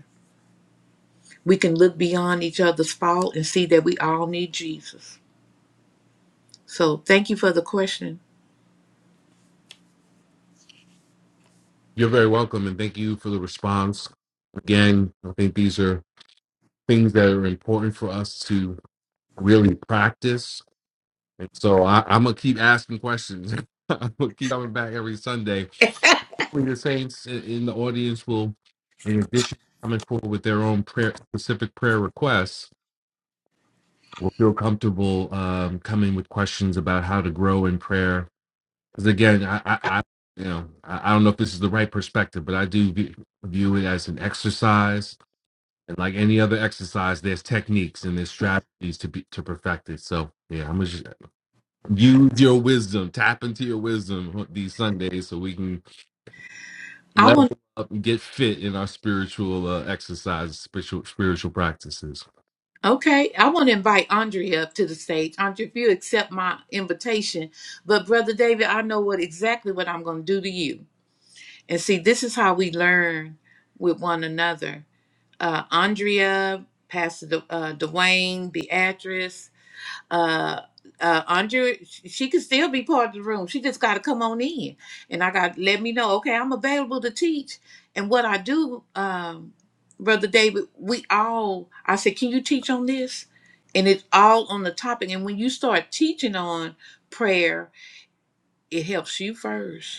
S1: we can look beyond each other's fault and see that we all need Jesus. So thank you for the question.
S4: you're very welcome and thank you for the response again i think these are things that are important for us to really practice and so I, i'm gonna keep asking questions [LAUGHS] i'm gonna keep coming back every sunday the saints i- in the audience will, in addition to coming forward with their own prayer, specific prayer requests, will feel comfortable um, coming with questions about how to grow in prayer. Because again, I, I, I, you know, I, I don't know if this is the right perspective, but I do view, view it as an exercise, and like any other exercise, there's techniques and there's strategies to be to perfect it. So yeah, I'm gonna just use your wisdom, tap into your wisdom huh, these Sundays, so we can
S1: I
S4: level
S1: want
S4: up and get fit in our spiritual uh, exercises, spiritual spiritual practices.
S1: okay, I want to invite Andrea up to the stage. Andrea, if you accept my invitation, but brother David, I know what exactly what I'm going to do to you. And see, this is how we learn with one another. Uh, Andrea, Pastor De, uh, Dwayne, Beatrice, uh uh Andrea sh- she could still be part of the room. She just gotta come on in. And I got let me know, okay, I'm available to teach. And what I do, um, Brother David, we all I said, Can you teach on this? And it's all on the topic. And when you start teaching on prayer, it helps you first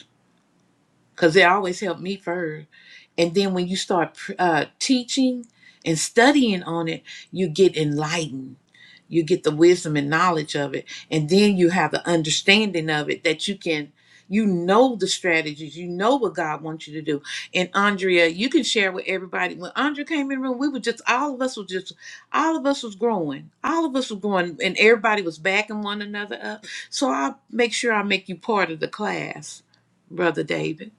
S1: because it always helped me first. And then when you start uh, teaching and studying on it, you get enlightened. You get the wisdom and knowledge of it. And then you have the understanding of it that you can, you know the strategies, you know what God wants you to do. And Andrea, you can share with everybody. When Andrea came in the room, we were just, all of us were just, all of us was growing. All of us was growing and everybody was backing one another up. So I'll make sure I make you part of the class, Brother David.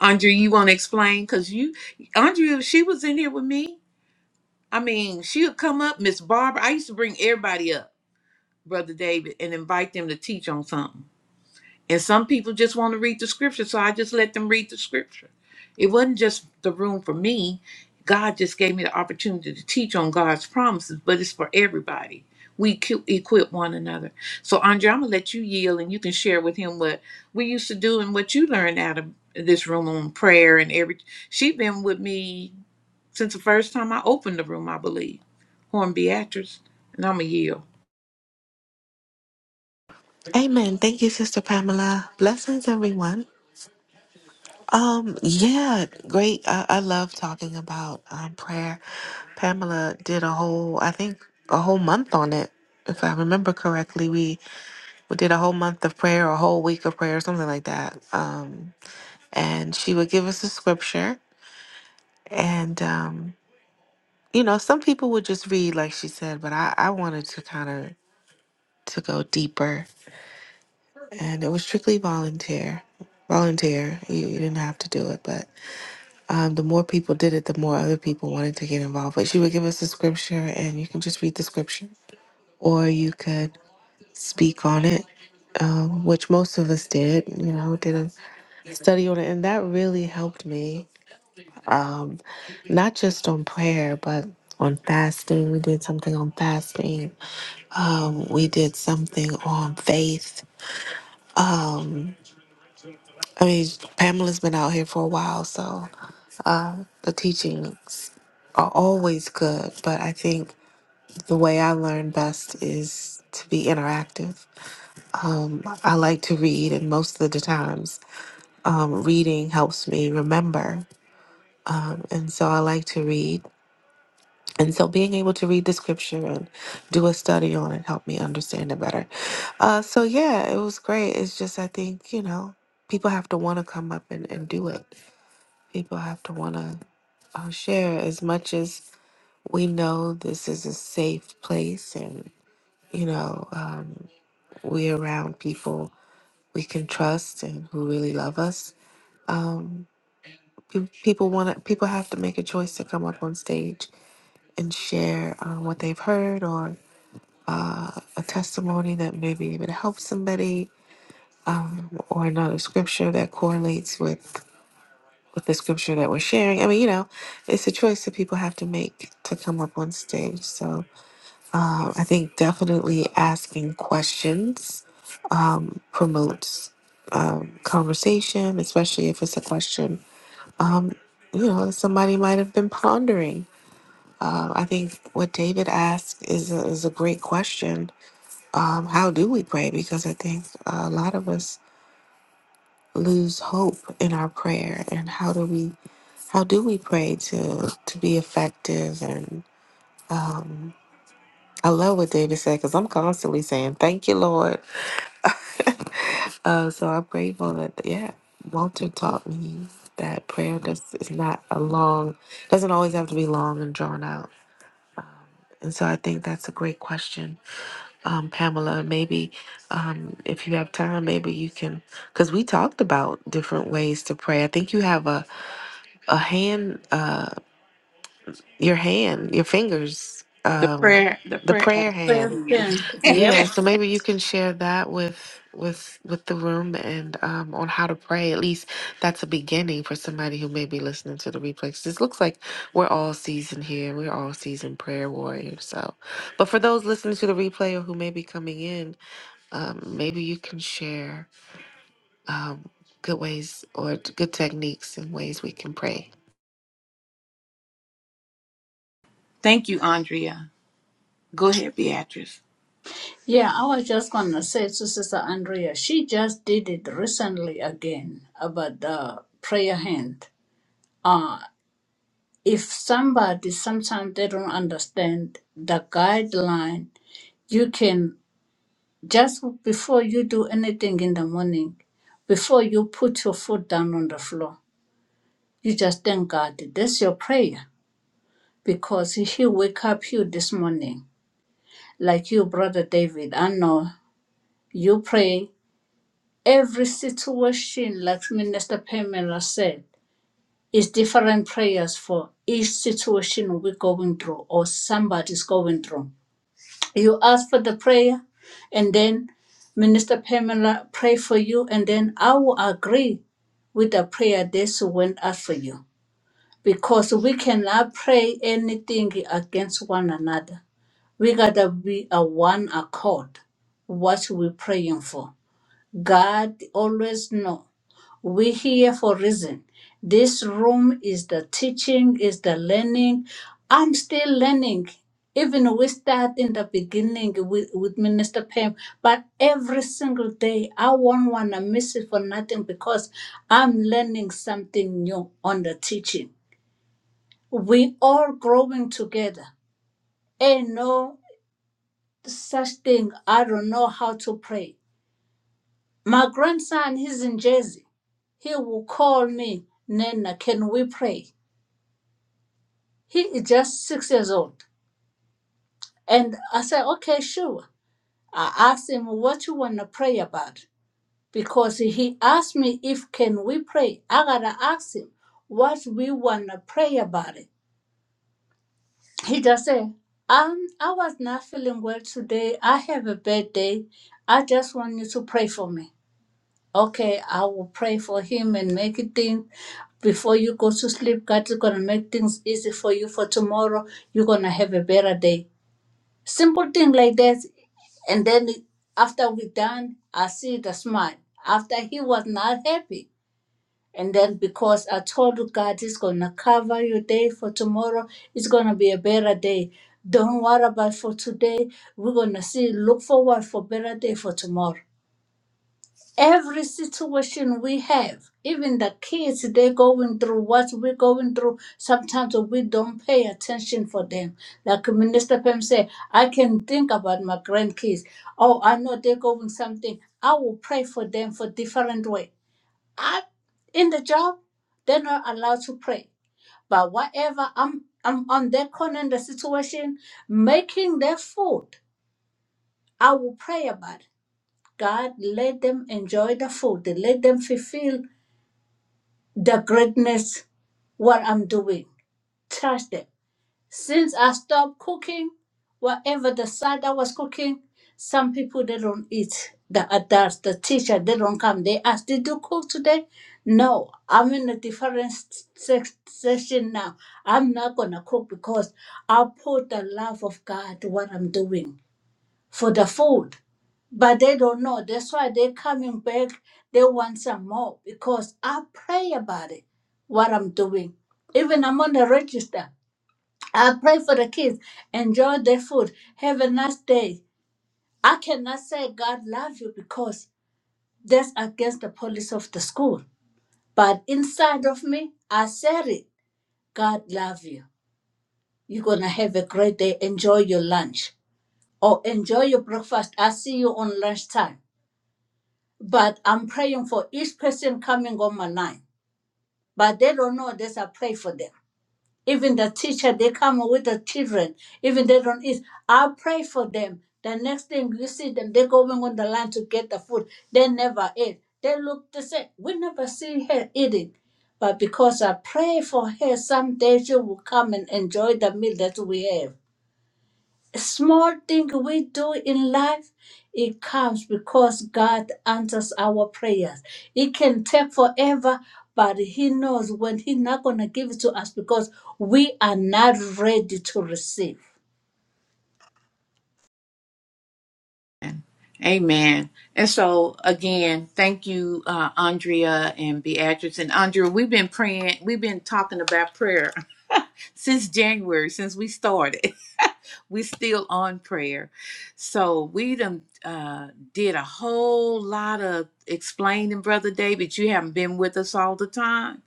S1: Andrea, you want to explain? Because you, Andrea, she was in here with me. I mean, she would come up, Miss Barbara. I used to bring everybody up, Brother David, and invite them to teach on something. And some people just want to read the scripture, so I just let them read the scripture. It wasn't just the room for me. God just gave me the opportunity to teach on God's promises, but it's for everybody. We equi- equip one another. So, Andre, I'm going to let you yield and you can share with him what we used to do and what you learned out of this room on prayer and every. She's been with me since the first time I opened the room, I believe, Horn Beatrice. And I'm going to yield.
S5: Amen. Thank you, Sister Pamela. Blessings, everyone. Um, yeah, great. I, I love talking about um, prayer. Pamela did a whole, I think, a whole month on it. If I remember correctly, we, we did a whole month of prayer, a whole week of prayer, something like that. Um, and she would give us a scripture. And, um, you know, some people would just read, like she said, but I, I wanted to kind of to go deeper and it was strictly volunteer. Volunteer, you, you didn't have to do it, but um, the more people did it, the more other people wanted to get involved. But she would give us the scripture, and you can just read the scripture, or you could speak on it, um, which most of us did. You know, did a study on it, and that really helped me, um, not just on prayer, but on fasting. We did something on fasting. Um, we did something on faith. I mean, Pamela's been out here for a while, so The teachings are always good, but I think the way I learn best is to be interactive. I like to read, and most of the times, um, reading helps me remember. And so I like to read. And so being able to read the scripture and do a study on it helped me understand it better. Uh, so yeah, it was great. It's just, I think, you know, people have to want to come up and, and do it. People have to want to uh, share as much as we know this is a safe place and you know uh, we're around people we can trust and who really love us people want to people have to make a choice to come up on stage and share uh, what they've heard or a testimony that may be able to help somebody or another scripture that correlates with with the scripture that we're sharing i mean you know it's a choice that people have to make to come up on stage so uh, i think definitely asking questions promotes um, conversation, especially if it's a question you know somebody might have been pondering. Um, I think what David asked is a, is a great question. Um, how do we pray? Because I think a lot of us lose hope in our prayer, and how do we how do we pray to to be effective? And I love what David said because I'm constantly saying, "Thank you, Lord." Uh, so I'm grateful that yeah, Walter taught me that prayer just is not a long, doesn't always have to be long and drawn out. And so I think that's a great question, um, Pamela. Maybe um, if you have time, maybe you can, because we talked about different ways to pray. I think you have a a hand, uh, your hand, your fingers,
S1: The
S5: um,
S1: prayer, the
S5: the
S1: prayer. Uh,
S5: prayer hand
S1: hand.
S2: Person.
S5: Yeah,
S1: [LAUGHS]
S5: so maybe you can share that with with with the room and um on how to pray. At least that's a beginning for somebody who may be listening to the replay. 'Cause This looks like we're all seasoned here. We're all seasoned prayer warriors. So, but for those listening to the replay or who may be coming in, um, maybe you can share um good ways or t- good techniques and ways we can pray
S1: Thank you, Andrea. Go ahead, Beatrice.
S2: Yeah, I was just gonna say to Sister Andrea, she just did it recently again about the prayer hand. Uh if somebody sometimes they don't understand the guideline, you can just before you do anything in the morning, before you put your foot down on the floor, you just thank God. That's your prayer. Because he wake up you this morning. Like you, Brother David, I know you pray Every situation, like Minister Pamela said, is different prayers for each situation we're going through or somebody's going through. You ask for the prayer, and then Minister Pamela pray for you, and then I will agree with the prayer they went out for you. Because we cannot pray anything against one another. We gotta be a one accord what we're praying for. God always know. We're here for reason. This room is the teaching, is the learning. I'm still learning. Even we start in the beginning with, with Minister Pam, but every single day I won't wanna miss it for nothing because I'm learning something new on the teaching. We all growing together. Ain't no such thing. I don't know how to pray. My grandson, he's in Jersey. He will call me, Nana, can we pray? He is just six years old. And I said, okay, sure. I asked him, what you want to pray about? Because he asked me if can we pray. I got to ask him what we want to pray about it. He just said, um, I was not feeling well today. I have a bad day. I just want you to pray for me. Okay, I will pray for him and make it things before you go to sleep. God is gonna make things easy for you for tomorrow. You're gonna have a better day. Simple thing like that. And then after we done, I see the smile. After he was not happy. And then because I told you God is gonna cover your day for tomorrow, it's gonna be a better day. Don't worry about for today. We're gonna see look forward for better day for tomorrow every situation we have even the kids they're going through what we're going through sometimes we don't pay attention for them like minister pam said i can think about my grandkids oh i know they're going something i will pray for them for different way i in the job they're not allowed to pray but whatever i'm i'm on their corner in the situation making their food i will pray about it God, let them enjoy the food. Let them fulfill the greatness what I'm doing. Touch them. Since I stopped cooking, whatever the side I was cooking, some people they don't eat. The adults, the teacher, they don't come. They ask, did you cook today? No, I'm in a different se- session now. I'm not gonna cook because I put the love of God to what I'm doing for the food, but they don't know. That's why they're coming back. They want some more because I pray about it, what I'm doing. Even I'm on the register. I pray for the kids. Enjoy their food. Have a nice day. I cannot say God love you because that's against the policy of the school. But inside of me, I said it. God love you. You're gonna have a great day. Enjoy your lunch or enjoy your breakfast. I see you on lunchtime But I'm praying for each person coming on my line. But they don't know this. I pray for them. Even the teacher, they come with the children. Even they don't eat. I pray for them. The next thing you see them, they're going on the line to get the food. They never eat. They look the same. We never see her eating. But because I pray for her, someday she will come and enjoy the meal that we have small thing we do in life it comes because god answers our prayers it can take forever but he knows when he's not going to give it to us because we are not ready to receive
S1: Amen. And so again, thank you, uh, Andrea and Beatrice. And Andrea, we've been praying, we've been talking about prayer [LAUGHS] since January, since we started. we still on prayer. So we done uh, did a whole lot of explaining, Brother David. You haven't been with us all the time,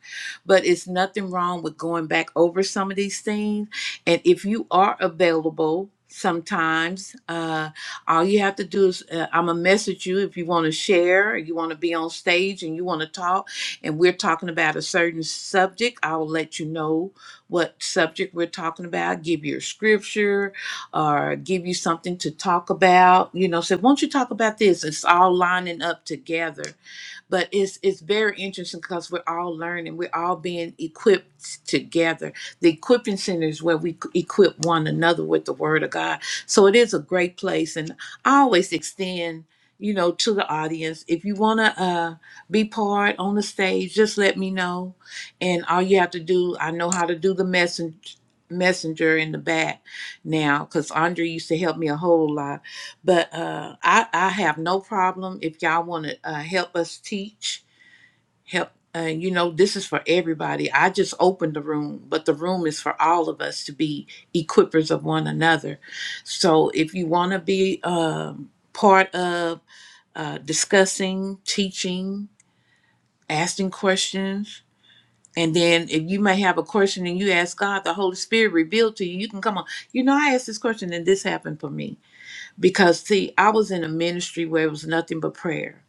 S1: but it's nothing wrong with going back over some of these things. And if you are available, sometimes uh all you have to do is uh, i'm gonna message you if you want to share or you want to be on stage and you want to talk and we're talking about a certain subject i'll let you know what subject we're talking about give your scripture or give you something to talk about. You know, say, won't you talk about this? It's all lining up together but it's it's very interesting because we're all learning we're all being equipped together the equipping center is where we equip one another with the word of god so it is a great place and i always extend you know to the audience if you want to uh, be part on the stage just let me know and all you have to do i know how to do the message messenger in the back now because andre used to help me a whole lot but uh, I, I have no problem if y'all want to uh, help us teach. Help, uh, you know, this is for everybody. I just opened the room, but the room is for all of us to be equippers of one another. So if you want to be um, part of uh, discussing, teaching, asking questions, and then if you may have a question and you ask God, the Holy Spirit revealed to you, you can come on. You know, I asked this question and this happened for me because see i was in a ministry where it was nothing but prayer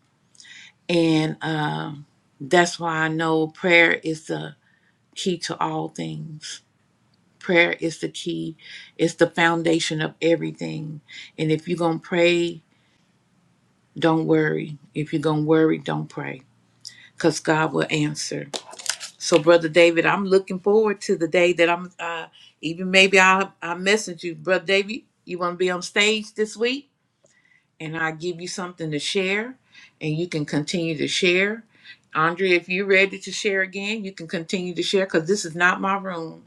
S1: and um, that's why i know prayer is the key to all things prayer is the key it's the foundation of everything and if you're gonna pray don't worry if you're gonna worry don't pray because god will answer so brother david i'm looking forward to the day that i'm uh, even maybe i I'll message you brother david you want to be on stage this week and I give you something to share, and you can continue to share. Andrea, if you're ready to share again, you can continue to share because this is not my room.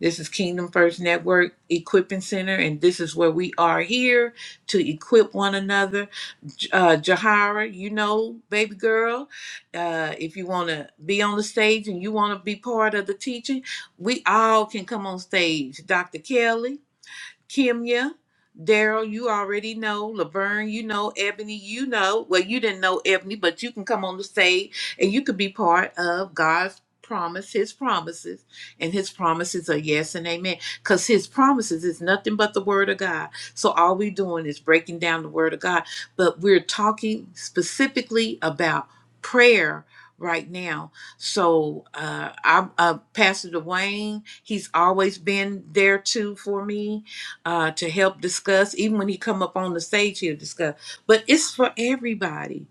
S1: This is Kingdom First Network Equipping Center, and this is where we are here to equip one another. J- Uh, Jahara, you know, baby girl, uh, if you want to be on the stage and you want to be part of the teaching, we all can come on stage. Dr. Kelly, Kimya, Daryl, you already know. Laverne, you know. Ebony, you know. Well, you didn't know Ebony, but you can come on the stage and you could be part of God's promise, His promises. And His promises are yes and amen. Because His promises is nothing but the Word of God. So all we're doing is breaking down the Word of God. But we're talking specifically about prayer right now. So uh, I, uh, Pastor Dwayne, he's always been there too for me uh, to help discuss. Even when he come up on the stage, he'll discuss. But it's for everybody,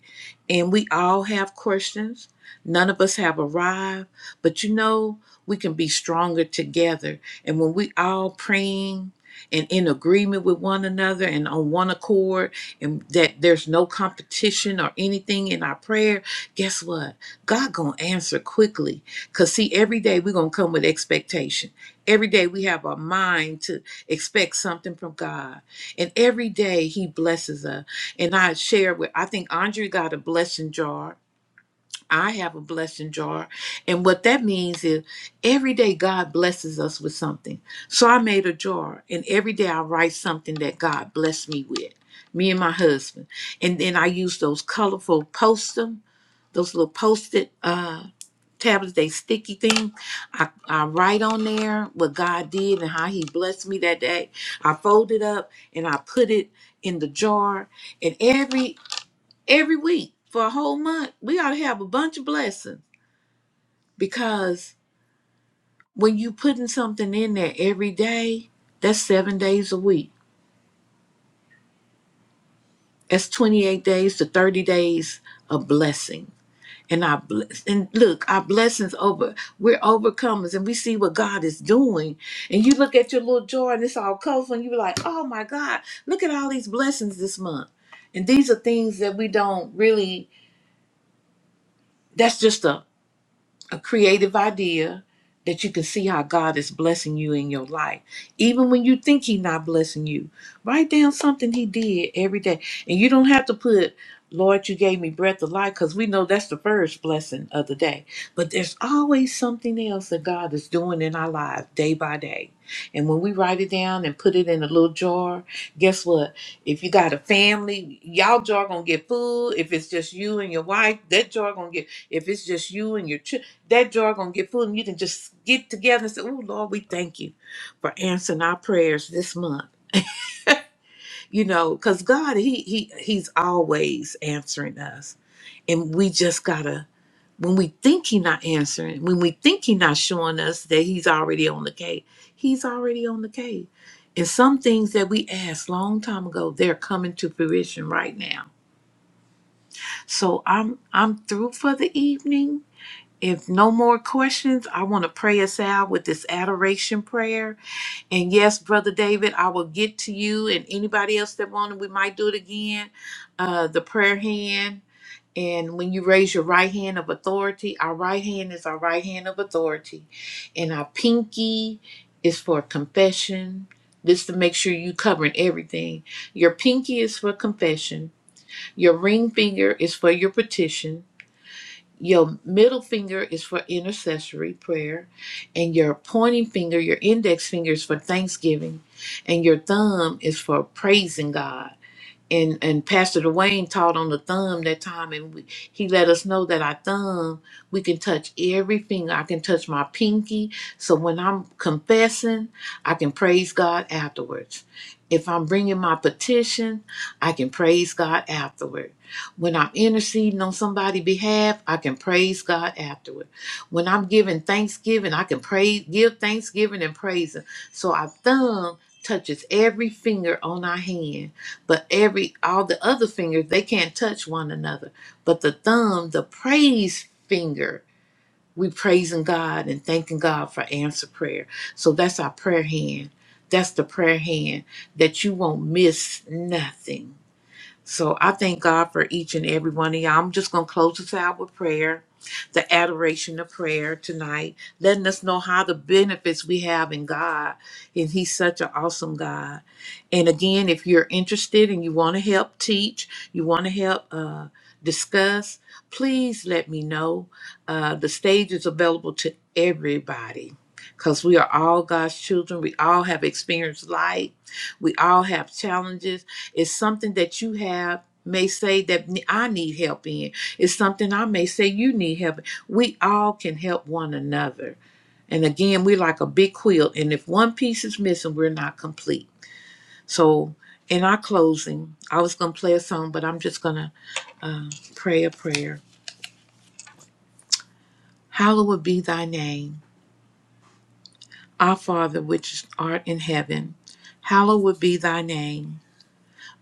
S1: and we all have questions. None of us have arrived, but you know we can be stronger together. And when we all praying and in agreement with one another and on one accord, and that there's no competition or anything in our prayer, guess what? God gonna answer quickly. Cause see, every day we're gonna come with expectation. Every day we have our mind to expect something from God. And every day he blesses us. And I share with I think Andre got a blessing jar. I have a blessing jar. And what that means is every day God blesses us with something. So I made a jar and every day I write something that God blessed me with. Me and my husband. And then I use those colorful post those little post-it uh tablets, they sticky thing. I, I write on there what God did and how he blessed me that day. I fold it up and I put it in the jar. And every every week for a whole month, we ought to have a bunch of blessings. Because when you putting something in there every day, that's seven days a week. That's 28 days to 30 days of blessing and our bless and look our blessings over we're overcomers and we see what god is doing and you look at your little jar and it's all colorful and you're like oh my god look at all these blessings this month and these are things that we don't really that's just a a creative idea that you can see how God is blessing you in your life. Even when you think He's not blessing you, write down something He did every day. And you don't have to put, Lord, you gave me breath of life, because we know that's the first blessing of the day. But there's always something else that God is doing in our lives day by day. And when we write it down and put it in a little jar, guess what? If you got a family, y'all jar gonna get full. If it's just you and your wife, that jar gonna get if it's just you and your children that jar gonna get full, and you can just get together and say, "Oh Lord, we thank you for answering our prayers this month." You know, because God, He He He's always answering us, and we just gotta when we think He not answering, when we think He not showing us that He's already on the case, He's already on the case. And some things that we asked long time ago, they're coming to fruition right now. So I'm I'm through for the evening. If no more questions, I want to pray us out with this adoration prayer. And yes, Brother David, I will get to you and anybody else that wanted, we might do it again. Uh, the prayer hand. And when you raise your right hand of authority, our right hand is our right hand of authority. And our pinky is for confession. This to make sure you covering everything. Your pinky is for confession. Your ring finger is for your petition. Your middle finger is for intercessory prayer, and your pointing finger, your index finger is for thanksgiving, and your thumb is for praising God and and Pastor Dwayne taught on the thumb that time, and we, he let us know that our thumb we can touch every finger. I can touch my pinky, so when I'm confessing, I can praise God afterwards. If I'm bringing my petition, I can praise God afterward. When I'm interceding on somebody's behalf, I can praise God afterward. When I'm giving thanksgiving, I can praise, give thanksgiving and praise Him. So our thumb touches every finger on our hand but every all the other fingers they can't touch one another but the thumb the praise finger we praising god and thanking god for answer prayer so that's our prayer hand that's the prayer hand that you won't miss nothing so I thank God for each and every one of y'all. I'm just going to close this out with prayer, the adoration of prayer tonight, letting us know how the benefits we have in God. And He's such an awesome God. And again, if you're interested and you want to help teach, you want to help uh, discuss, please let me know. Uh, the stage is available to everybody. Because we are all God's children. We all have experienced life. We all have challenges it's something that you have may say that ne- I need help in. It's something I may say you need help. in. We all can help one another. And again, we're like a big quilt, and if one piece is missing, we're not complete. So, in our closing, I was going to play a song, but I'm just going to uh, pray a prayer. Hallowed be thy name, our Father which art in heaven. Hallowed be thy name.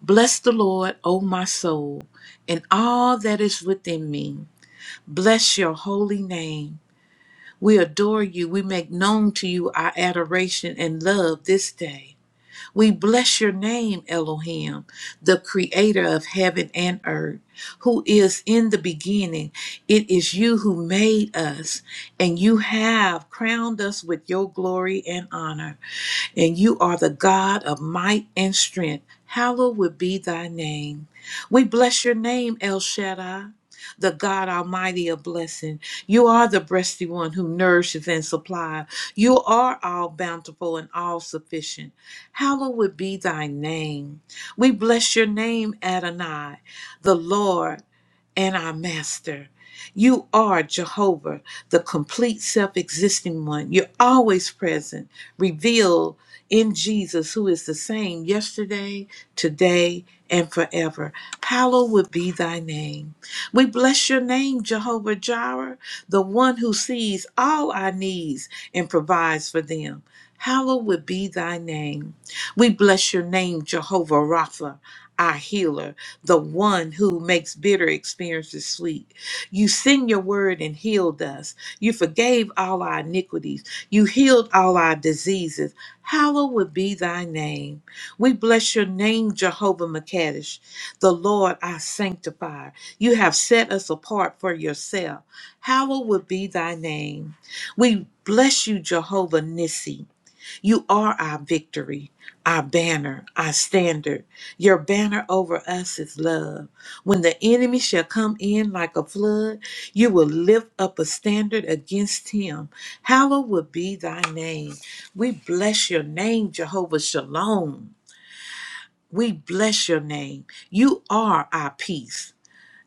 S1: Bless the Lord, O my soul, and all that is within me. Bless your holy name. We adore you. We make known to you our adoration and love this day. We bless your name, Elohim, the creator of heaven and earth, who is in the beginning. It is you who made us, and you have crowned us with your glory and honor and you are the God of might and strength. Hallowed would be thy name. We bless your name, El Shaddai, the God Almighty of blessing. You are the breasty one who nourishes and supplies. You are all bountiful and all sufficient. Hallowed be thy name. We bless your name, Adonai, the Lord and our master. You are Jehovah, the complete self existing one. You're always present, revealed in Jesus, who is the same yesterday, today, and forever. Palo would be thy name. We bless your name, Jehovah Jireh, the one who sees all our needs and provides for them. Hallowed would be thy name. We bless your name, Jehovah Rapha, our healer the one who makes bitter experiences sweet. You sent your word and healed us. You forgave all our iniquities. You healed all our diseases. Hallowed would be thy name. We bless your name, Jehovah Makadesh, the Lord our sanctifier. You have set us apart for yourself. Hallowed would be thy name. We bless you, Jehovah Nissi. You are our victory, our banner, our standard. Your banner over us is love. When the enemy shall come in like a flood, you will lift up a standard against him. Hallowed will be thy name. We bless your name, Jehovah Shalom. We bless your name. You are our peace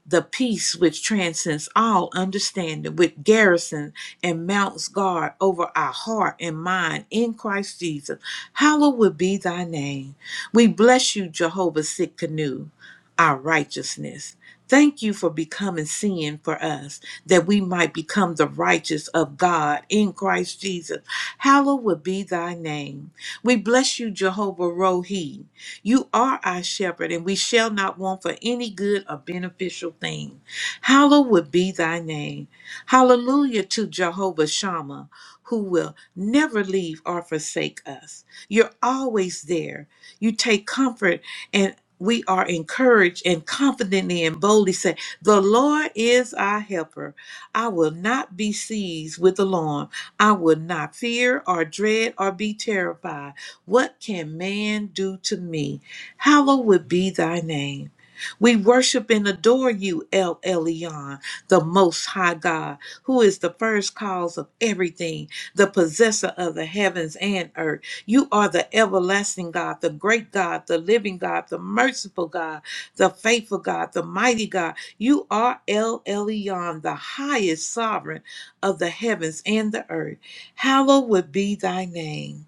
S1: the peace which transcends all understanding, which garrisons and mounts guard over our heart and mind in Christ Jesus. Hallowed be thy name. We bless you, Jehovah Sikkenu, our righteousness. Thank you for becoming sin for us, that we might become the righteous of God in Christ Jesus. Hallowed be thy name. We bless you, Jehovah Rohi. You are our shepherd, and we shall not want for any good or beneficial thing. Hallowed be thy name. Hallelujah to Jehovah Shammah, who will never leave or forsake us. You're always there. You take comfort, and we are encouraged and confidently and boldly say, The Lord is our helper. I will not be seized with alarm. I will not fear or dread or be terrified. What can man do to me? Hallowed would be thy name. We worship and adore you, El Elyon, the Most High God, who is the first cause of everything, the possessor of the heavens and earth. You are the everlasting God, the great God, the living God, the merciful God, the faithful God, the mighty God. You are El Elyon, the highest sovereign of the heavens and the earth. Hallowed would be thy name.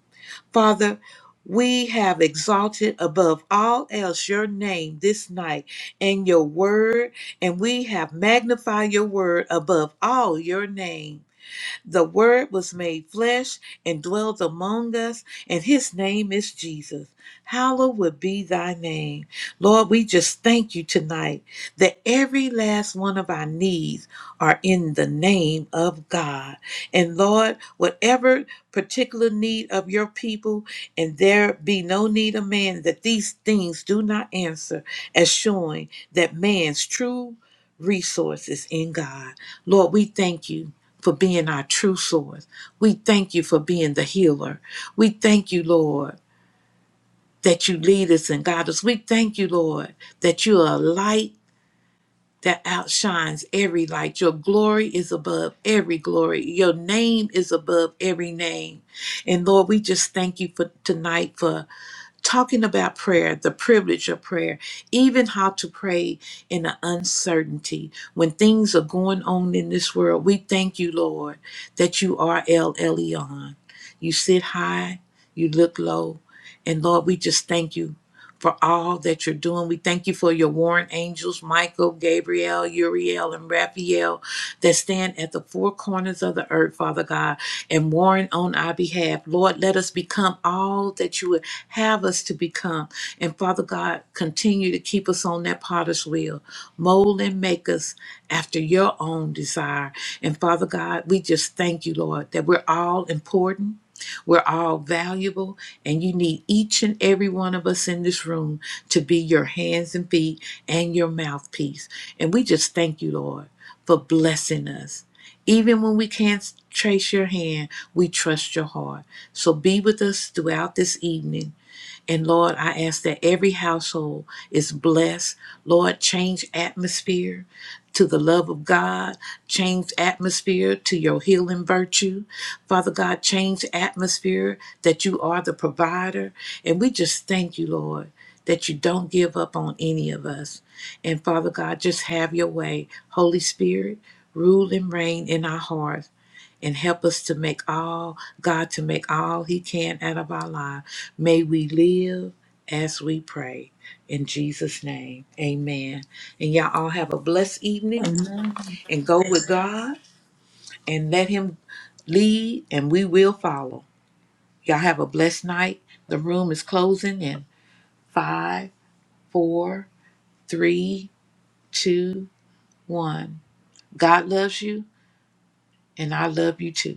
S1: Father, we have exalted above all else your name this night and your word, and we have magnified your word above all your name. The Word was made flesh and dwelt among us, and His name is Jesus. Hallowed would be thy name. Lord, we just thank you tonight that every last one of our needs are in the name of God. And Lord, whatever particular need of your people, and there be no need of man, that these things do not answer, as showing that man's true resources in God. Lord, we thank you for being our true source. We thank you for being the healer. We thank you, Lord, that you lead us and guide us. We thank you, Lord, that you are a light that outshines every light. Your glory is above every glory. Your name is above every name. And Lord, we just thank you for tonight for talking about prayer, the privilege of prayer, even how to pray in the uncertainty. When things are going on in this world, we thank you, Lord, that you are El Elyon. You sit high, you look low, and Lord, we just thank you for all that you're doing. We thank you for your warring angels, Michael, Gabriel, Uriel, and Raphael, that stand at the four corners of the earth, Father God, and warring on our behalf. Lord, let us become all that you would have us to become. And Father God, continue to keep us on that potter's wheel. Mold and make us after your own desire. And Father God, we just thank you, Lord, that we're all important we're all valuable, and you need each and every one of us in this room to be your hands and feet and your mouthpiece. And we just thank you, Lord, for blessing us. Even when we can't trace your hand, we trust your heart. So be with us throughout this evening and Lord, I ask that every household is blessed. Lord, change atmosphere to the love of God, change atmosphere to your healing virtue. Father God, change atmosphere that you are the provider. And we just thank you, Lord, that you don't give up on any of us. And Father God, just have your way. Holy Spirit, rule and reign in our hearts and help us to make all, God, to make all He can out of our life. May we live as we pray. In Jesus' name, amen. And y'all all have a blessed evening
S2: Amen.
S1: and go with God and let Him lead, and we will follow. Y'all have a blessed night. The room is closing in five, four, three, two, one. God loves you, and I love you too.